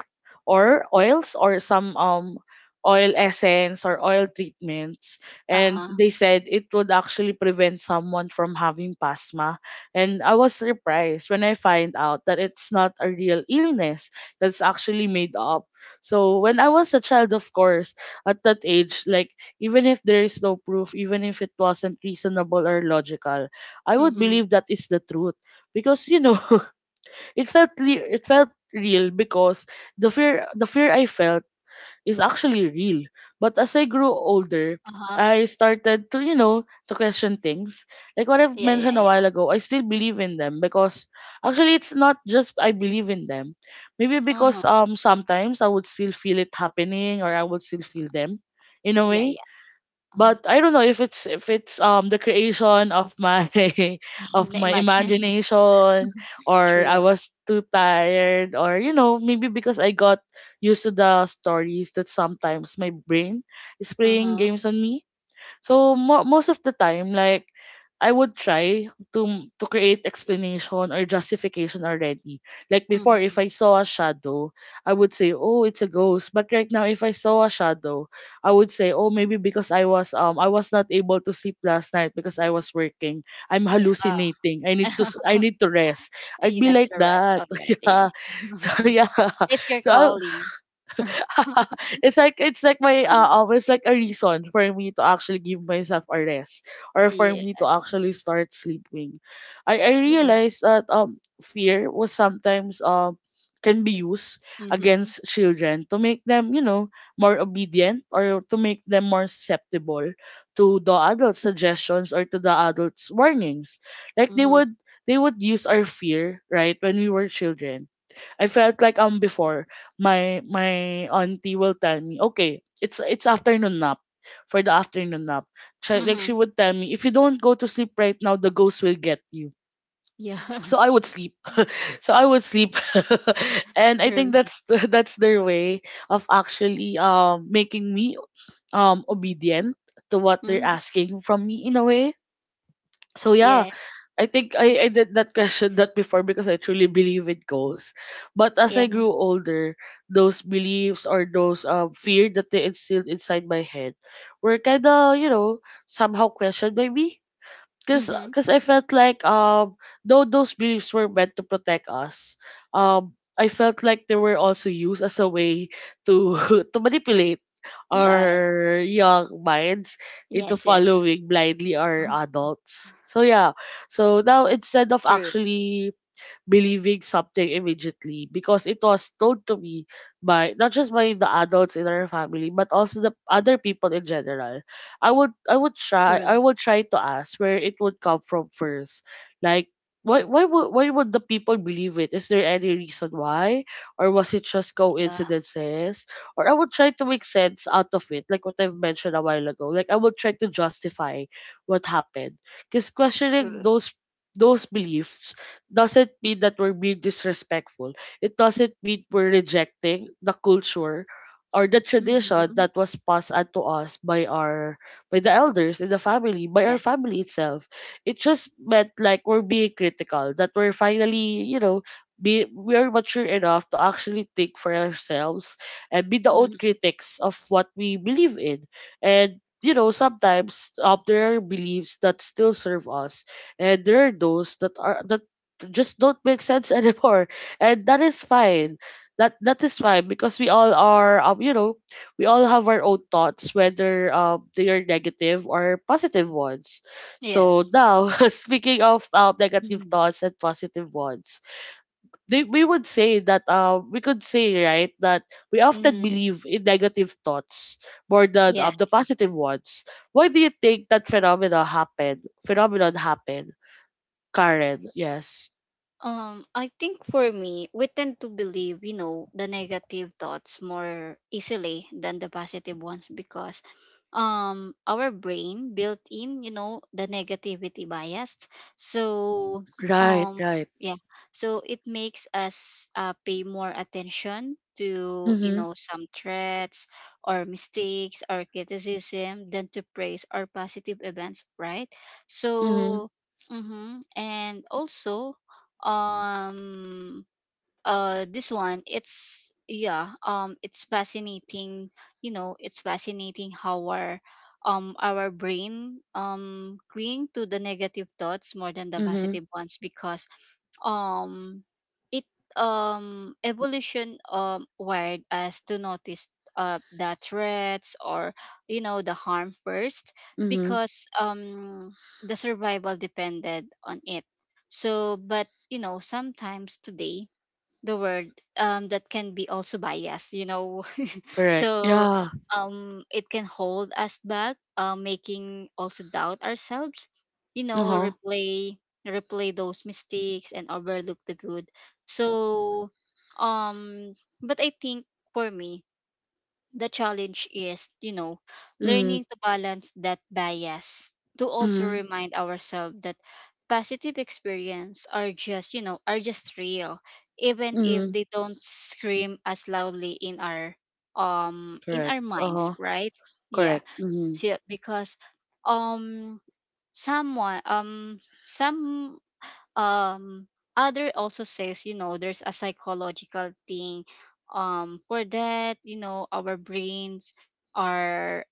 Speaker 1: or oils, or some oil essence or oil treatments, and
Speaker 2: Uh-huh.
Speaker 1: they said it would actually prevent someone from having pasma. And I was surprised when I find out that it's not a real illness, that's actually made up. So when I was a child, of course, at that age, like, even if there is no proof, even if it wasn't reasonable or logical, I would
Speaker 2: Mhm.
Speaker 1: believe that is the truth, because, you know, (laughs) it felt real, because the fear I felt is actually real. But as I grew older,
Speaker 2: Uh-huh.
Speaker 1: I started to, you know, to question things. Like what I've
Speaker 2: Yeah, yeah,
Speaker 1: mentioned a
Speaker 2: yeah.
Speaker 1: while ago, I still believe in them, because actually it's not just I believe in them. Maybe
Speaker 2: Uh-huh.
Speaker 1: because sometimes I would still feel it happening, or I would still feel them in a
Speaker 2: Yeah,
Speaker 1: way.
Speaker 2: yeah. Uh-huh.
Speaker 1: But I don't know if it's, if it's the creation of my (laughs) of
Speaker 2: (laughs)
Speaker 1: my
Speaker 2: Imagine. (laughs)
Speaker 1: imagination, or I
Speaker 2: True.
Speaker 1: was too tired, or, you know, maybe because I got used to the stories that sometimes my brain is playing
Speaker 2: Uh-huh.
Speaker 1: games on me. So most of the time, like, I would try to to create explanation or justification already. Like before,
Speaker 2: Mm-hmm.
Speaker 1: if I saw a shadow, I would say, "Oh, it's a ghost." But right now, if I saw a shadow, I would say, "Oh, maybe because I was not able to sleep last night, because I was working. I'm
Speaker 2: Yeah.
Speaker 1: hallucinating. I need to s- I
Speaker 2: (laughs)
Speaker 1: need to rest." I'd
Speaker 2: You
Speaker 1: be
Speaker 2: had
Speaker 1: like
Speaker 2: the rest
Speaker 1: that. (laughs) Yeah.
Speaker 2: already.
Speaker 1: So
Speaker 2: (laughs)
Speaker 1: yeah. (laughs)
Speaker 2: It's your
Speaker 1: So I,
Speaker 2: calling.
Speaker 1: (laughs) it's like my
Speaker 2: (laughs)
Speaker 1: always like a reason for me to actually give myself a rest, or for me to
Speaker 2: Yes.
Speaker 1: actually start sleeping. I
Speaker 2: True.
Speaker 1: realized that fear was sometimes can be used
Speaker 2: Mm-hmm.
Speaker 1: against children, to make them, you know, more obedient, or to make them more susceptible to the adult suggestions or to the adults warnings. Like, they
Speaker 2: Mm-hmm.
Speaker 1: would they would use our fear, right, when we were children. I felt like, before, my auntie will tell me, okay, it's afternoon nap. For the afternoon nap, she, like, she
Speaker 2: Mm-hmm.
Speaker 1: would tell me, if you don't go to sleep right now, the ghost will get you. So I
Speaker 2: Yes.
Speaker 1: would sleep. So I would sleep, (laughs) and
Speaker 2: (laughs)
Speaker 1: I
Speaker 2: True.
Speaker 1: think that's (laughs) that's their way of actually making me obedient to what they're
Speaker 2: Mm-hmm.
Speaker 1: asking from me in a way. So yeah,
Speaker 2: Yes.
Speaker 1: I think I did that question that before, because I truly believe in ghosts. But as I
Speaker 2: Yeah.
Speaker 1: grew older, those beliefs or those fear that they instilled inside my head were kind of, you know, somehow questioned by me because
Speaker 2: Mm-hmm.
Speaker 1: because I felt like though those beliefs were meant to protect us, I felt like they were also used as a way to (laughs) to manipulate
Speaker 2: Yes.
Speaker 1: our young minds into
Speaker 2: Yes, yes.
Speaker 1: following blindly
Speaker 2: (laughs)
Speaker 1: our adults. So yeah, so now
Speaker 2: True.
Speaker 1: instead of actually believing something immediately because it was told to me by not just by the adults in our family but also the other people in general. I would I would
Speaker 2: True.
Speaker 1: try I would try to ask where it would come from first. Like why would the people believe it? Is there any reason why? Or was it just
Speaker 2: Yeah.
Speaker 1: coincidences? Or I would try to make sense out of it, like what I've mentioned a while ago. Like I would try to justify what happened. Because
Speaker 2: True.
Speaker 1: questioning those beliefs doesn't mean that we're being disrespectful. It doesn't mean we're rejecting the culture or the
Speaker 2: Mm-hmm.
Speaker 1: tradition that was passed on to us by our by the elders in the family, by our
Speaker 2: Yes.
Speaker 1: family itself. It just meant like we're being critical, that we're finally, you know, be we are mature enough to actually think for ourselves and be the own
Speaker 2: Mm-hmm.
Speaker 1: critics of what we believe in. And you know, sometimes there are beliefs that still serve us, and there are those that just don't make sense (laughs) anymore and that is fine that is fine because we all are you know we all have our own thoughts whether they are negative or positive ones. So
Speaker 2: Yes.
Speaker 1: now, (laughs) speaking of negative
Speaker 2: Mm-hmm.
Speaker 1: thoughts and positive ones, we would say that we could say, right, that we often
Speaker 2: Mm-hmm.
Speaker 1: believe in negative thoughts more than
Speaker 2: Yeah.
Speaker 1: the positive ones. Why do you think that phenomena happened phenomenon happened, Karen? Yes.
Speaker 2: I think for me, we tend to believe, the negative thoughts more easily than the positive ones, because our brain built in, the negativity bias. So
Speaker 1: Right,
Speaker 2: um
Speaker 1: right.
Speaker 2: yeah. So it makes us pay more attention to,
Speaker 1: Mhm,
Speaker 2: some threats or mistakes or criticism, than to praise or positive events, right?
Speaker 1: mhm,
Speaker 2: So Mm-hmm. And also, um, this one, it's, yeah, it's fascinating, it's fascinating how our, our brain cling to the negative thoughts more than the
Speaker 1: mhm,
Speaker 2: positive ones, because um it evolution wired us to notice the threats, or, the harm first,
Speaker 1: mhm,
Speaker 2: because the survival depended on it. So but sometimes today, the word, that can be also biased, you know. (laughs)
Speaker 1: correct.
Speaker 2: So
Speaker 1: Yeah.
Speaker 2: it can hold us back, making also doubt ourselves, you know,
Speaker 1: Uh-huh.
Speaker 2: replay those mistakes and overlook the good. So, um, but I think for me, the challenge is, you know,
Speaker 1: Mhm,
Speaker 2: learning to balance that bias, to also
Speaker 1: mhm,
Speaker 2: remind ourselves that positive experience are just, you know, are just real, even if
Speaker 1: mhm,
Speaker 2: they don't scream as loudly in our, in
Speaker 1: correct.
Speaker 2: our minds,
Speaker 1: Uh-huh.
Speaker 2: right? Yeah.
Speaker 1: Correct. Mhm,
Speaker 2: So because um someone some um other also says, you know, there's a psychological thing for that, you know, our brains are,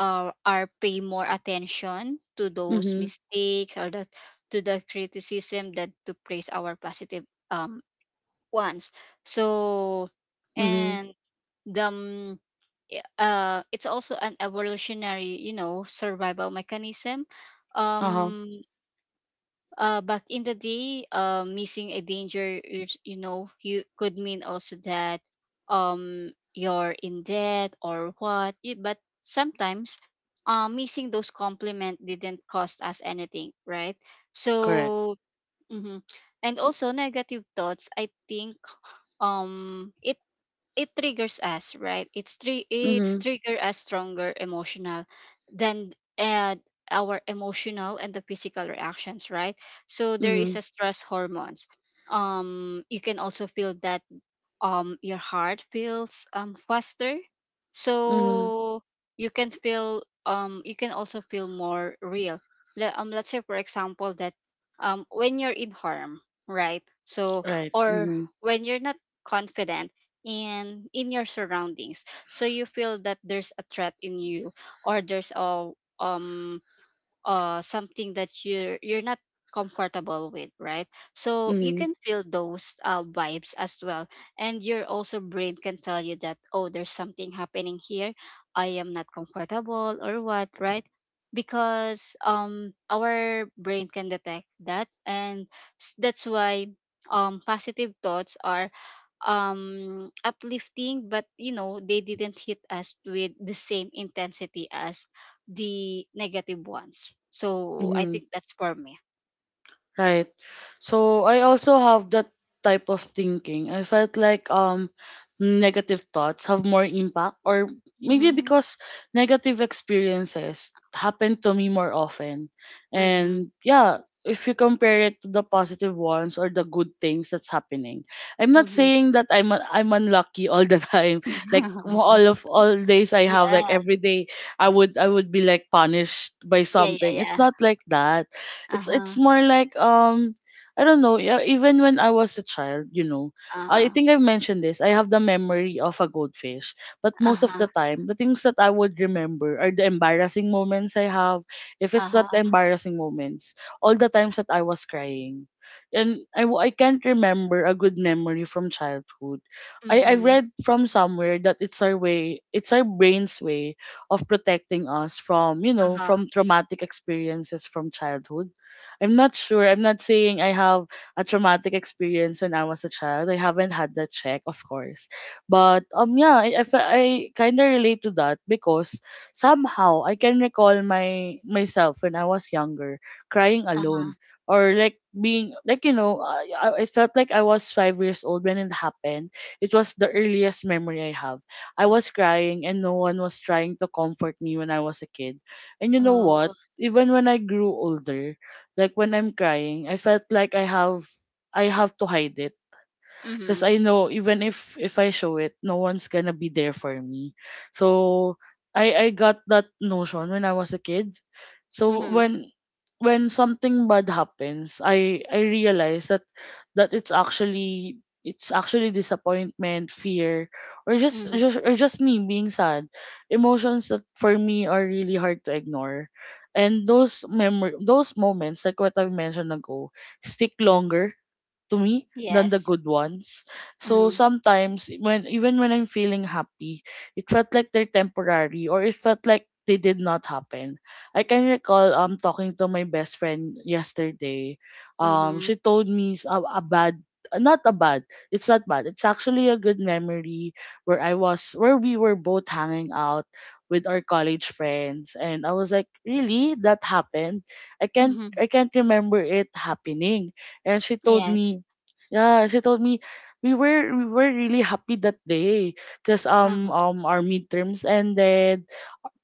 Speaker 2: are pay more attention to those
Speaker 1: mhm,
Speaker 2: mistakes, or the, to the criticism than to praise our positive um ones. So
Speaker 1: mhm,
Speaker 2: and the, it's also an evolutionary, you know, survival mechanism.
Speaker 1: uh-huh.
Speaker 2: um Back in the day, missing a danger, you know you could mean also that you're in debt or what you, but sometimes missing those compliment didn't cost us anything, right?
Speaker 1: Correct.
Speaker 2: So Mhm. And also negative thoughts I think, it, it triggers us, right? It's
Speaker 1: Mhm,
Speaker 2: trigger us stronger emotional than, our emotional and the physical reactions, right? So there is
Speaker 1: mhm,
Speaker 2: a stress hormones. You can also feel that, your heart feels faster.
Speaker 1: mhm,
Speaker 2: So you can feel, you can also feel more real. Let's say for example that, when you're in harm, right? So
Speaker 1: right.
Speaker 2: or
Speaker 1: Mhm,
Speaker 2: when you're not confident in your surroundings, so you feel that there's a threat in you, or there's a, um something that you're not comfortable with, right? So you
Speaker 1: mhm,
Speaker 2: can feel those, vibes as well, and your also brain can tell you that, oh, there's something happening here. I am not comfortable or what, right? Because our brain can detect that, and that's why positive thoughts are uplifting, but you know they didn't hit us with the same intensity as the negative ones. So I
Speaker 1: mhm.
Speaker 2: think that's for me.
Speaker 1: Right. So I also have that type of thinking. I felt like negative thoughts have more impact, or maybe
Speaker 2: Mm-hmm.
Speaker 1: because negative experiences happen to me more often.
Speaker 2: Mm-hmm.
Speaker 1: And yeah, if you compare it to the positive ones or the good things that's happening. I'm not
Speaker 2: Mm-hmm.
Speaker 1: saying that I'm unlucky all the (laughs) time. Like all
Speaker 2: (laughs)
Speaker 1: of all days I have
Speaker 2: Yeah.
Speaker 1: like every day I would be like punished by
Speaker 2: Yeah. Yeah.
Speaker 1: something. It's
Speaker 2: Yeah.
Speaker 1: not like that,
Speaker 2: Uh huh.
Speaker 1: it's more like I don't know, yeah, even when I was a child, you know,
Speaker 2: Uh
Speaker 1: I
Speaker 2: huh.
Speaker 1: think I've mentioned this. I have the memory of a goldfish, but
Speaker 2: Uh
Speaker 1: most of
Speaker 2: huh.
Speaker 1: the time, the things that I would remember are the embarrassing moments I have. If
Speaker 2: Uh
Speaker 1: it's not the
Speaker 2: huh.
Speaker 1: embarrassing moments, all the times that I was crying. And I can't remember a good memory from childhood. I
Speaker 2: Mm-hmm.
Speaker 1: read from somewhere that it's our way, it's our brain's way of protecting us from, you
Speaker 2: Uh
Speaker 1: know,
Speaker 2: huh.
Speaker 1: from traumatic experiences from childhood. I'm not sure. I'm not saying I have a traumatic experience when I was a child. I haven't had that check, of course. But yeah, I kind of relate to that because somehow I can recall my myself when I was younger crying
Speaker 2: Uh huh.
Speaker 1: alone, or like being like, you know, I felt like I was 5 years old when it happened. It was the earliest memory I have. I was crying and no one was trying to comfort me when I was a kid. And you know
Speaker 2: Oh.
Speaker 1: what? Even when I grew older, like when I'm crying, I felt like I have to hide it because I
Speaker 2: Mm-hmm.
Speaker 1: know even if I show it, no one's gonna be there for me. So I got that notion when I was a kid. So
Speaker 2: Mm-hmm.
Speaker 1: when something bad happens, I realize that it's actually disappointment, fear, or
Speaker 2: Mm-hmm.
Speaker 1: just me being sad. Emotions that for me are really hard to ignore. And those moments, like what I've mentioned ago, stick longer to me than the
Speaker 2: Yes.
Speaker 1: good ones. So
Speaker 2: Mm-hmm.
Speaker 1: sometimes when even when I'm feeling happy, it felt like they're temporary or it felt like they did not happen. I can recall talking to my best friend yesterday.
Speaker 2: Mm-hmm.
Speaker 1: She told me s- a bad, not a bad, it's not bad, it's actually a good memory where I was where we were both hanging out with our college friends, and I was like, really, that happened?
Speaker 2: Mm-hmm.
Speaker 1: I can't remember it happening. And she told
Speaker 2: Yes.
Speaker 1: me, yeah, she told me we were really happy that day because um
Speaker 2: Uh-huh.
Speaker 1: um our midterms ended.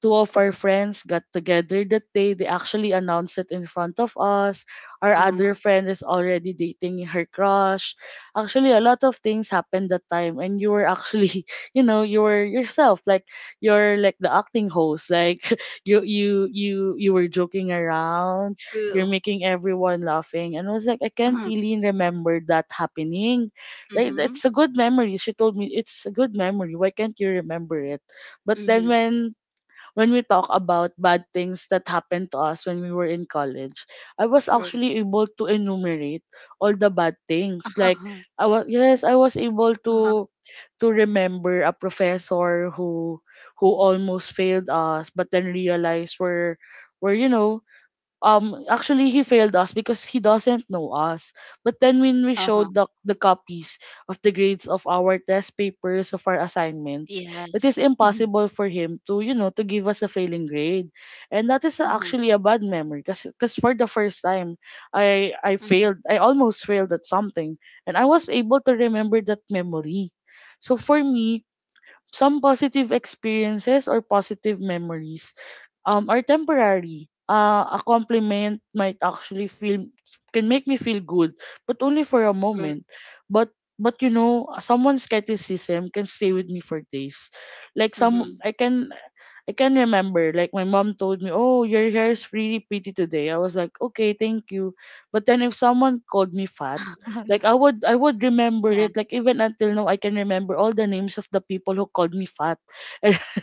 Speaker 1: Two of our friends got together that day. They actually announced it in front of us. Our
Speaker 2: Uh-huh.
Speaker 1: other friend is already dating her crush. Actually, a lot of things happened that time, and you were actually, (laughs) you know, you were yourself. Like you're like the acting host. Like (laughs) you were joking around, you're
Speaker 2: True.
Speaker 1: making everyone laughing. And I was like, I can't
Speaker 2: Uh-huh.
Speaker 1: really remember that happening. Like
Speaker 2: Mm-hmm.
Speaker 1: it's a good memory. She told me it's a good memory. Why can't you remember it? But then
Speaker 2: Mm-hmm.
Speaker 1: when we talk about bad things that happened to us when we were in college, I was
Speaker 2: True.
Speaker 1: actually able to enumerate all the bad
Speaker 2: Uh-huh. Uh-huh.
Speaker 1: things. Like I was
Speaker 2: Uh-huh.
Speaker 1: able to remember a professor who almost failed us but then realized we're you know actually he failed us because he doesn't know us, but then when we
Speaker 2: Uh-huh.
Speaker 1: showed the copies of the grades of our test papers, of our assignments,
Speaker 2: Yes.
Speaker 1: it is
Speaker 2: Mm-hmm.
Speaker 1: impossible for him to you know to give us a failing grade. And that is
Speaker 2: Mm-hmm.
Speaker 1: actually a bad memory because for the first time
Speaker 2: Mm-hmm.
Speaker 1: I almost failed at something, and I was able to remember that memory. So for me, some positive experiences or positive memories are temporary. A compliment might actually feel can make me feel good, but only for a
Speaker 2: True.
Speaker 1: moment. But you know, someone's criticism can stay with me for days. Like
Speaker 2: Mm-hmm.
Speaker 1: I can remember, like my mom told me, "Oh, your hair is really pretty today." I was like, "Okay, thank you." But then if someone called me fat,
Speaker 2: (laughs)
Speaker 1: like I would
Speaker 2: Yeah.
Speaker 1: remember it. Like even until now, I can remember all the names of the people who called me fat,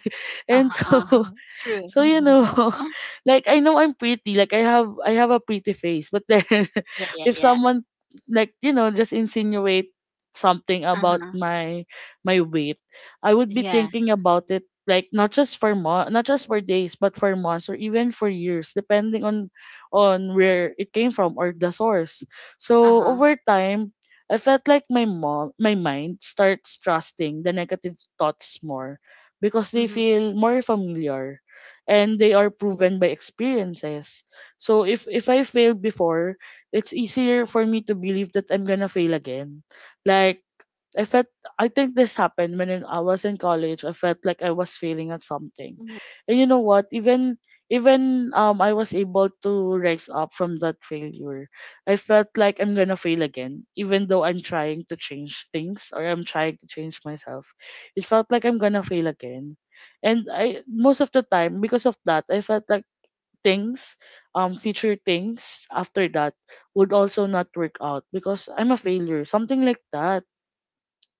Speaker 2: Uh-huh.
Speaker 1: (laughs) and
Speaker 2: Uh-huh.
Speaker 1: so
Speaker 2: True.
Speaker 1: so you know,
Speaker 2: (laughs)
Speaker 1: (laughs) like I know I'm pretty, like I have a pretty face, but then
Speaker 2: Yeah, yeah,
Speaker 1: (laughs) if
Speaker 2: yeah.
Speaker 1: someone like you know just insinuate something about
Speaker 2: Uh-huh.
Speaker 1: my weight, I would be
Speaker 2: Yeah.
Speaker 1: thinking about it like not just for not just for days, but for months or even for years, depending on where it came from or the source. So
Speaker 2: Uh-huh.
Speaker 1: over time, I felt like my mind starts trusting the negative thoughts more because they
Speaker 2: Mm-hmm.
Speaker 1: feel more familiar and they are proven by experiences. So if I failed before, it's easier for me to believe that I'm gonna fail again. Like I felt, I think this happened when I was in college. I felt like I was failing at something.
Speaker 2: Mm-hmm.
Speaker 1: And you know what? Even even I was able to rise up from that failure. I felt like I'm gonna fail again, even though I'm trying to change things or I'm trying to change myself. It felt like I'm gonna fail again. And I most of the time because of that I felt like things, future things after that would also not work out because I'm a failure. Something like that.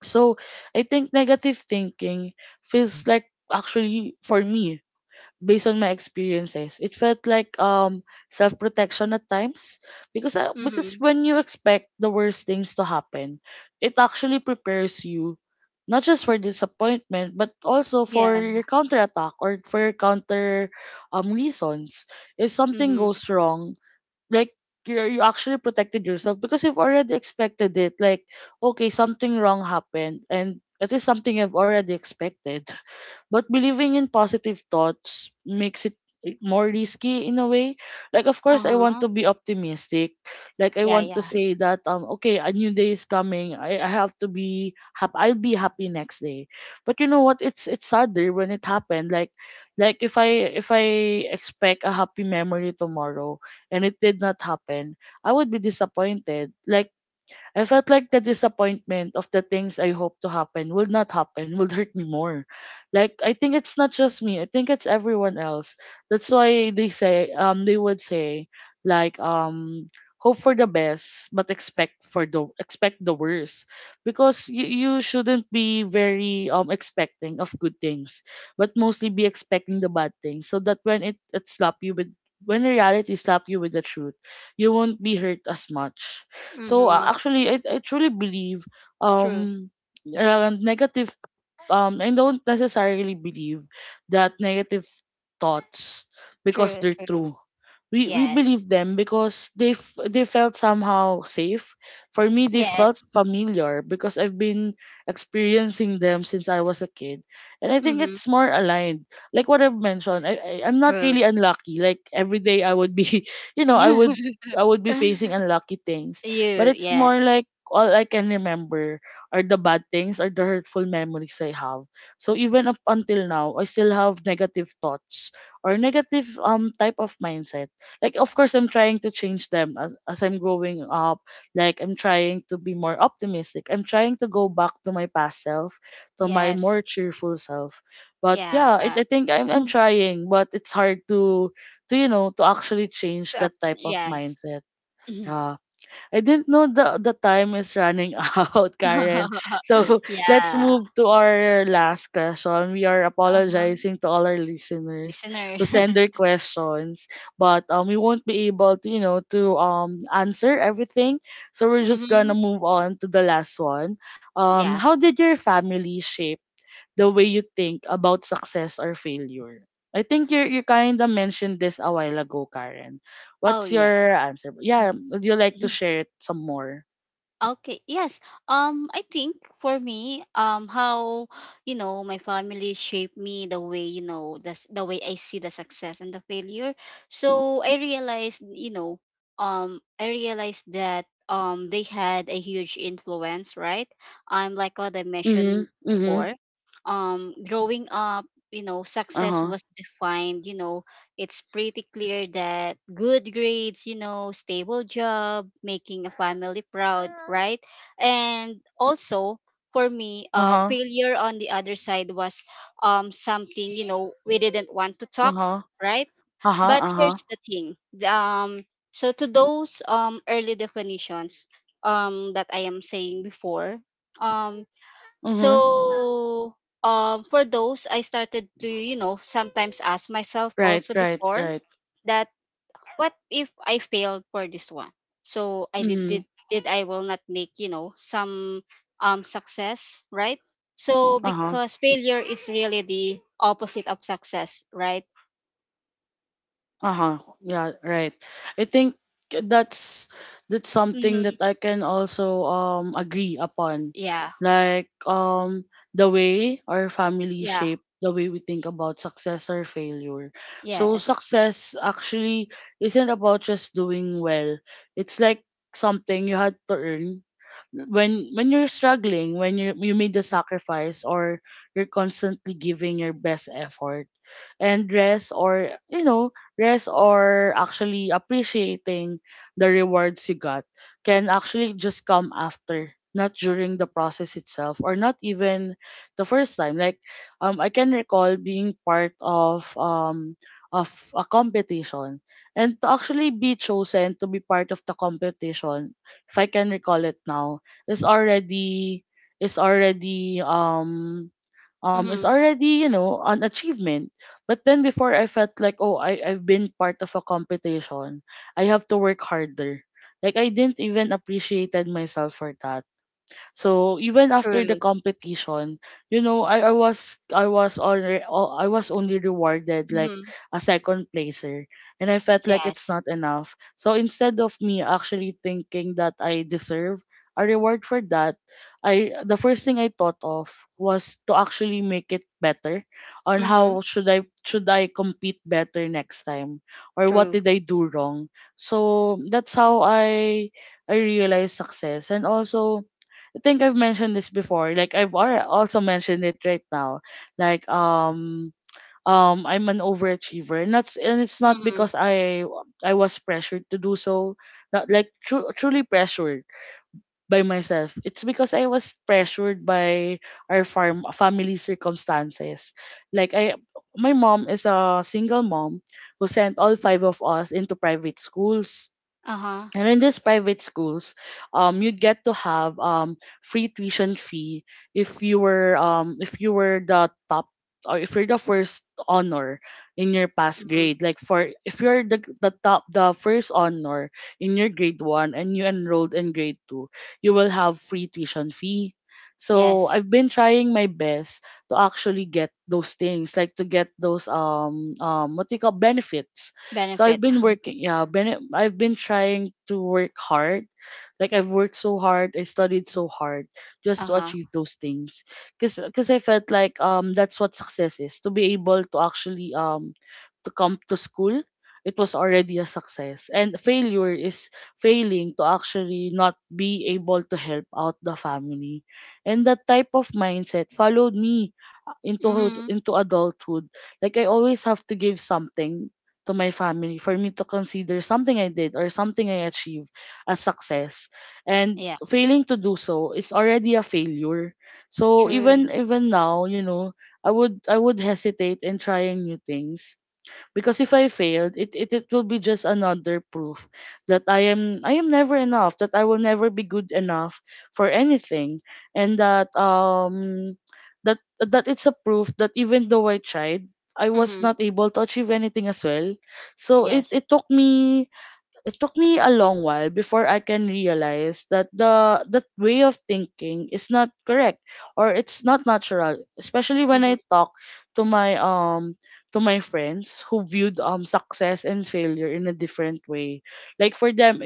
Speaker 1: So I think negative thinking feels like actually for me, based on my experiences, it felt like self protection at times because
Speaker 2: Mm-hmm.
Speaker 1: when you expect the worst things to happen, it actually prepares you not just for disappointment but also
Speaker 2: Yeah.
Speaker 1: for your counterattack or for your counter reasons. If something
Speaker 2: Mm-hmm.
Speaker 1: goes wrong, like you actually protected yourself because you've already expected it. Like, okay, something wrong happened, and it is something you've already expected. (laughs) But believing in positive thoughts makes it more risky in a way. Like of course I
Speaker 2: Uh-huh.
Speaker 1: want to be optimistic. Like I
Speaker 2: Yeah,
Speaker 1: want to
Speaker 2: yeah.
Speaker 1: say that okay, a new day is coming. I have to be happy. I'll be happy next day. But you know what? It's sadder when it happened. Like if I expect a happy memory tomorrow and it did not happen, I would be disappointed. Like I felt like the disappointment of the things I hoped to happen would not happen, would hurt me more. Like I think it's not just me, I think it's everyone else. That's why they say they would say like hope for the best but expect for the expect the worst because you shouldn't be very expecting of good things but mostly be expecting the bad things so that when reality slap you with the truth you won't be hurt as much. So
Speaker 2: Mm-hmm.
Speaker 1: actually, I truly believe
Speaker 2: True.
Speaker 1: um, negative I don't necessarily believe that negative thoughts because
Speaker 2: True.
Speaker 1: they're
Speaker 2: True.
Speaker 1: true. We
Speaker 2: Yes.
Speaker 1: believe them because they felt somehow safe. For me, they felt
Speaker 2: Yes.
Speaker 1: familiar because I've been experiencing them since I was a kid, and I think
Speaker 2: Mm-hmm.
Speaker 1: it's more aligned. Like what I've mentioned, I'm not
Speaker 2: True.
Speaker 1: really unlucky. Like every day I would be, (laughs) you know,
Speaker 2: (laughs)
Speaker 1: I would be facing unlucky things, but
Speaker 2: You,
Speaker 1: it's more
Speaker 2: yes.
Speaker 1: like all I can remember are the bad things, are the hurtful memories I have. So even up until now, I still have negative thoughts or negative type of mindset. Like of course I'm trying to change them as I'm growing up. Like I'm trying to be more optimistic. I'm trying to go back to my past self, to my more
Speaker 2: Yes.
Speaker 1: cheerful self. But
Speaker 2: Yeah,
Speaker 1: yeah, I,
Speaker 2: yeah.
Speaker 1: I think I'm
Speaker 2: (laughs)
Speaker 1: trying, but it's hard to actually change that type of
Speaker 2: Yes.
Speaker 1: mindset.
Speaker 2: Mhm.
Speaker 1: Yeah, I didn't know the time is running (laughs) out, Karen.
Speaker 2: (laughs)
Speaker 1: So let's
Speaker 2: Yeah.
Speaker 1: move to our last question. We are
Speaker 2: Uh-huh.
Speaker 1: apologizing to all our listeners
Speaker 2: Listener.
Speaker 1: who send their
Speaker 2: (laughs)
Speaker 1: questions, but we won't be able to to answer everything. So we're just
Speaker 2: Mm-hmm.
Speaker 1: gonna move on to the last one.
Speaker 2: Yeah.
Speaker 1: How did your family shape the way you think about success or failure? I think you kind of mentioned this a while ago, Karen.
Speaker 2: Oh
Speaker 1: What's your
Speaker 2: yes.
Speaker 1: answer? Yeah,
Speaker 2: Mm. (laughs)
Speaker 1: would you like
Speaker 2: Mhm.
Speaker 1: to share it some more?
Speaker 2: Okay. Yes. I think for me, how, you know, my family shaped me the way, you know, the way I see the success and the failure. So I realized, you know, I realized that they had a huge influence, right? Like what I mentioned
Speaker 1: Mhm. Mhm.
Speaker 2: before. Growing up, you know, success
Speaker 1: Uh-huh.
Speaker 2: was defined, you know, it's pretty clear that good grades, you know, stable job, making a family proud, right? And also for me,
Speaker 1: Uh-huh.
Speaker 2: failure on the other side was, something, you know, we didn't want to talk,
Speaker 1: Uh-huh.
Speaker 2: right?
Speaker 1: Uh-huh.
Speaker 2: But
Speaker 1: Uh-huh.
Speaker 2: here's the thing, um, so to those early definitions that I am saying before, um,
Speaker 1: Mhm.
Speaker 2: so for those I started to, you know, sometimes ask myself
Speaker 1: Right,
Speaker 2: also
Speaker 1: right,
Speaker 2: before
Speaker 1: right.
Speaker 2: that, what if I failed for this one? So I did did,
Speaker 1: Mhm.
Speaker 2: did I will not make, you know, some success, right? So
Speaker 1: Uh-huh.
Speaker 2: because failure is really the opposite of success, right?
Speaker 1: Uh-huh. Yeah, right. I think that's that's something
Speaker 2: Mm-hmm.
Speaker 1: that I can also agree upon.
Speaker 2: Yeah.
Speaker 1: Like the way our family
Speaker 2: Yeah.
Speaker 1: shape the way we think about success or failure. So
Speaker 2: Yes.
Speaker 1: success actually isn't about just doing well. It's like something you had to earn when you're struggling, when you made the sacrifice, or you're constantly giving your best effort and rest, or you know rest, or actually appreciating the rewards you got can actually just come after, not during the process itself, or not even the first time. Like I can recall being part of of a competition, and to actually be chosen to be part of the competition, if I can recall it now, is already is already is
Speaker 2: Mm-hmm.
Speaker 1: already, you know, an achievement. But then before I felt like, oh, I've been part of a competition, I have to work harder. Like I didn't even appreciated myself for that. So even after the
Speaker 2: True.
Speaker 1: competition, you know, I was only rewarded like
Speaker 2: Mm-hmm.
Speaker 1: a second placer, and I felt like it's
Speaker 2: Yes.
Speaker 1: not enough. So instead of me actually thinking that I deserve a reward for that, I the first thing I thought of was to actually make it better on
Speaker 2: Mm-hmm.
Speaker 1: how should I compete better next time, or what
Speaker 2: True.
Speaker 1: did I do wrong. So that's how I realized success. And also I think I've mentioned this before. Like also mentioned it right now. Like I'm an overachiever. And it's not
Speaker 2: Mm-hmm.
Speaker 1: because I was pressured to do so. Not like truly pressured by myself. It's because I was pressured by our farm family circumstances. Like I my mom is a single mom who sent all five of us into private schools,
Speaker 2: Uh-huh.
Speaker 1: and in these private schools, you get to have free tuition fee if you were the top, or if you're the first honor in your past
Speaker 2: Mm-hmm.
Speaker 1: grade. Like for if you're the top the first honor in your grade one and you enrolled in grade two, you will have free tuition fee. So
Speaker 2: Yes.
Speaker 1: I've been trying my best to actually get those things, like to get those what do you call benefits. So I've
Speaker 2: Benefits.
Speaker 1: been
Speaker 2: Mhm.
Speaker 1: working, yeah, been I've been trying to work hard. Like I've worked so hard, I studied so hard just to
Speaker 2: Uh-huh.
Speaker 1: achieve those things. Cause, cause I felt like that's what success is, to be able to actually to come to school. It was already a success, and failure is failing to actually not be able to help out the family, and that type of mindset followed me into
Speaker 2: Mm-hmm.
Speaker 1: into adulthood, like I always have to give something to my family for me to consider something I did or something I achieved as success. And
Speaker 2: Yeah.
Speaker 1: failing to do so is already a failure. So
Speaker 2: True.
Speaker 1: even now, you know, I would hesitate in trying new things, because if I failed, it will be just another proof that I am never enough, that I will never be good enough for anything, and that that it's a proof that even though I tried, I was
Speaker 2: Mm-hmm.
Speaker 1: not able to achieve anything as well. So
Speaker 2: Yes.
Speaker 1: it took me a long while before I can realize that the that way of thinking is not correct, or it's not natural, especially when
Speaker 2: Mm-hmm.
Speaker 1: I talk to my to my friends who viewed success and failure in a different way. Like for them,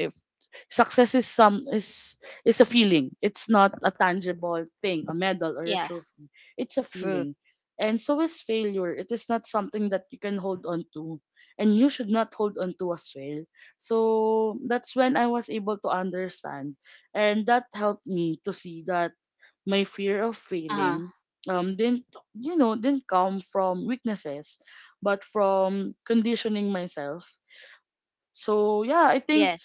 Speaker 1: success is some is a feeling. It's not a tangible thing, a medal or a
Speaker 2: Yeah.
Speaker 1: trophy. It's a
Speaker 2: True.
Speaker 1: feeling. And so is failure. It is not something that you can hold on to. And you should not hold on to as well. So that's when I was able to understand. And that helped me to see that my fear of
Speaker 2: Uh-huh.
Speaker 1: failing didn't, you know, didn't come from weaknesses, but from conditioning myself. So yeah, I think
Speaker 2: Yes.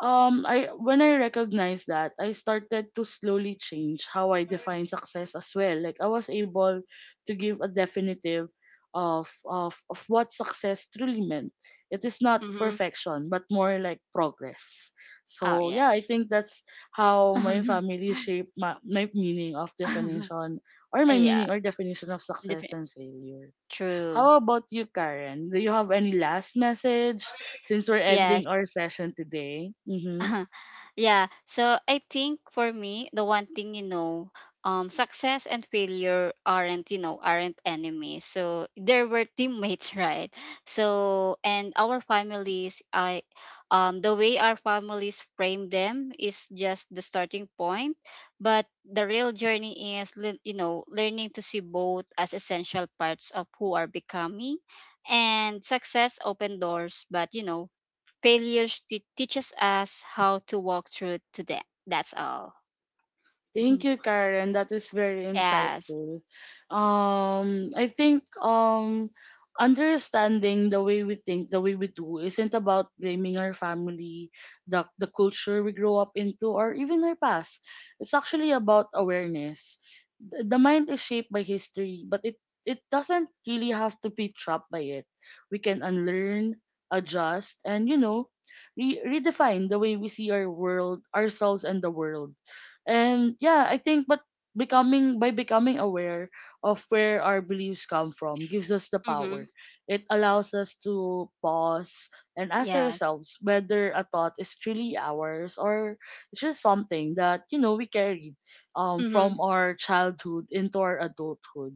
Speaker 1: I when I recognized that, I started to slowly change how I define success as well. Like I was able to give a definitive of what success truly meant. It is not
Speaker 2: Mm-hmm.
Speaker 1: perfection, but more like progress.
Speaker 2: Oh
Speaker 1: So yeah, I
Speaker 2: yes.
Speaker 1: think that's how my
Speaker 2: (laughs)
Speaker 1: family shaped my meaning of definition, or
Speaker 2: (laughs)
Speaker 1: my
Speaker 2: Yeah.
Speaker 1: meaning or definition of success
Speaker 2: Defi-
Speaker 1: and failure.
Speaker 2: True.
Speaker 1: How about you, Karen? Do you have any last message since we're
Speaker 2: Yes.
Speaker 1: ending our session today? Mm-hmm.
Speaker 2: (laughs) Yeah, so I think for me the one thing, you know, success and failure aren't, you know, aren't enemies, so there were teammates. (laughs) Right? So and our families, I the way our families frame them is just the starting point, but the real journey is, you know, learning to see both as essential parts of who are becoming. And success open doors, but you know failures teaches us how to walk through to that. That's all.
Speaker 1: Thank
Speaker 2: (laughs)
Speaker 1: you, Karen. That is very
Speaker 2: Yes.
Speaker 1: insightful. I think understanding the way we think, the way we do, isn't about blaming our family, the culture we grow up into, or even our past. It's actually about awareness. The mind is shaped by history, but it doesn't really have to be trapped by it. We can unlearn, adjust, and you know, redefine the way we see our world, ourselves, and the world. And yeah, I think but becoming, by becoming aware of where our beliefs come from, gives us the
Speaker 2: Mm-hmm.
Speaker 1: power. It allows us to pause and ask
Speaker 2: Yes.
Speaker 1: ourselves whether a thought is truly ours, or it's just something that, you know, we carried
Speaker 2: Mm-hmm.
Speaker 1: from our childhood into our adulthood,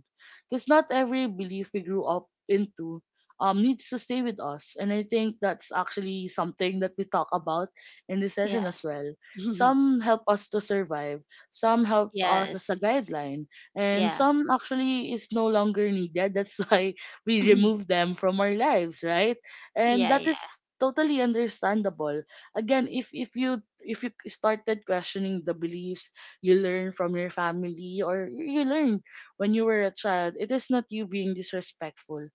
Speaker 1: because not every belief we grew up into needs to stay with us. And I think that's actually something that we talk about in this session as
Speaker 2: Yes.
Speaker 1: well.
Speaker 2: (laughs)
Speaker 1: Some help us to survive, some help us as a
Speaker 2: Yes.
Speaker 1: guideline, and
Speaker 2: Yeah.
Speaker 1: some actually is no longer needed. That's (laughs) why we
Speaker 2: (laughs)
Speaker 1: remove them from our lives, right? And
Speaker 2: Yeah.
Speaker 1: that is
Speaker 2: Yeah.
Speaker 1: totally understandable. Again, if you started questioning the beliefs you learn from your family, or you learned when you were a child, it is not you being disrespectful.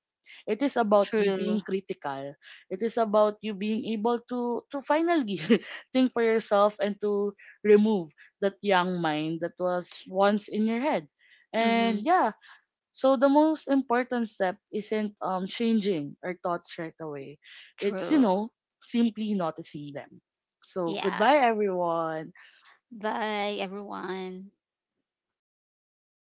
Speaker 1: It is about you being
Speaker 2: True.
Speaker 1: critical. It is about you being able to finally (laughs) think for yourself, and to remove that young mind that was once in your head. And
Speaker 2: Mm-hmm.
Speaker 1: yeah, so the most important step isn't changing our thoughts right away. It's, you
Speaker 2: True.
Speaker 1: know, simply noticing them. So
Speaker 2: Yeah.
Speaker 1: goodbye everyone.
Speaker 2: Bye, everyone.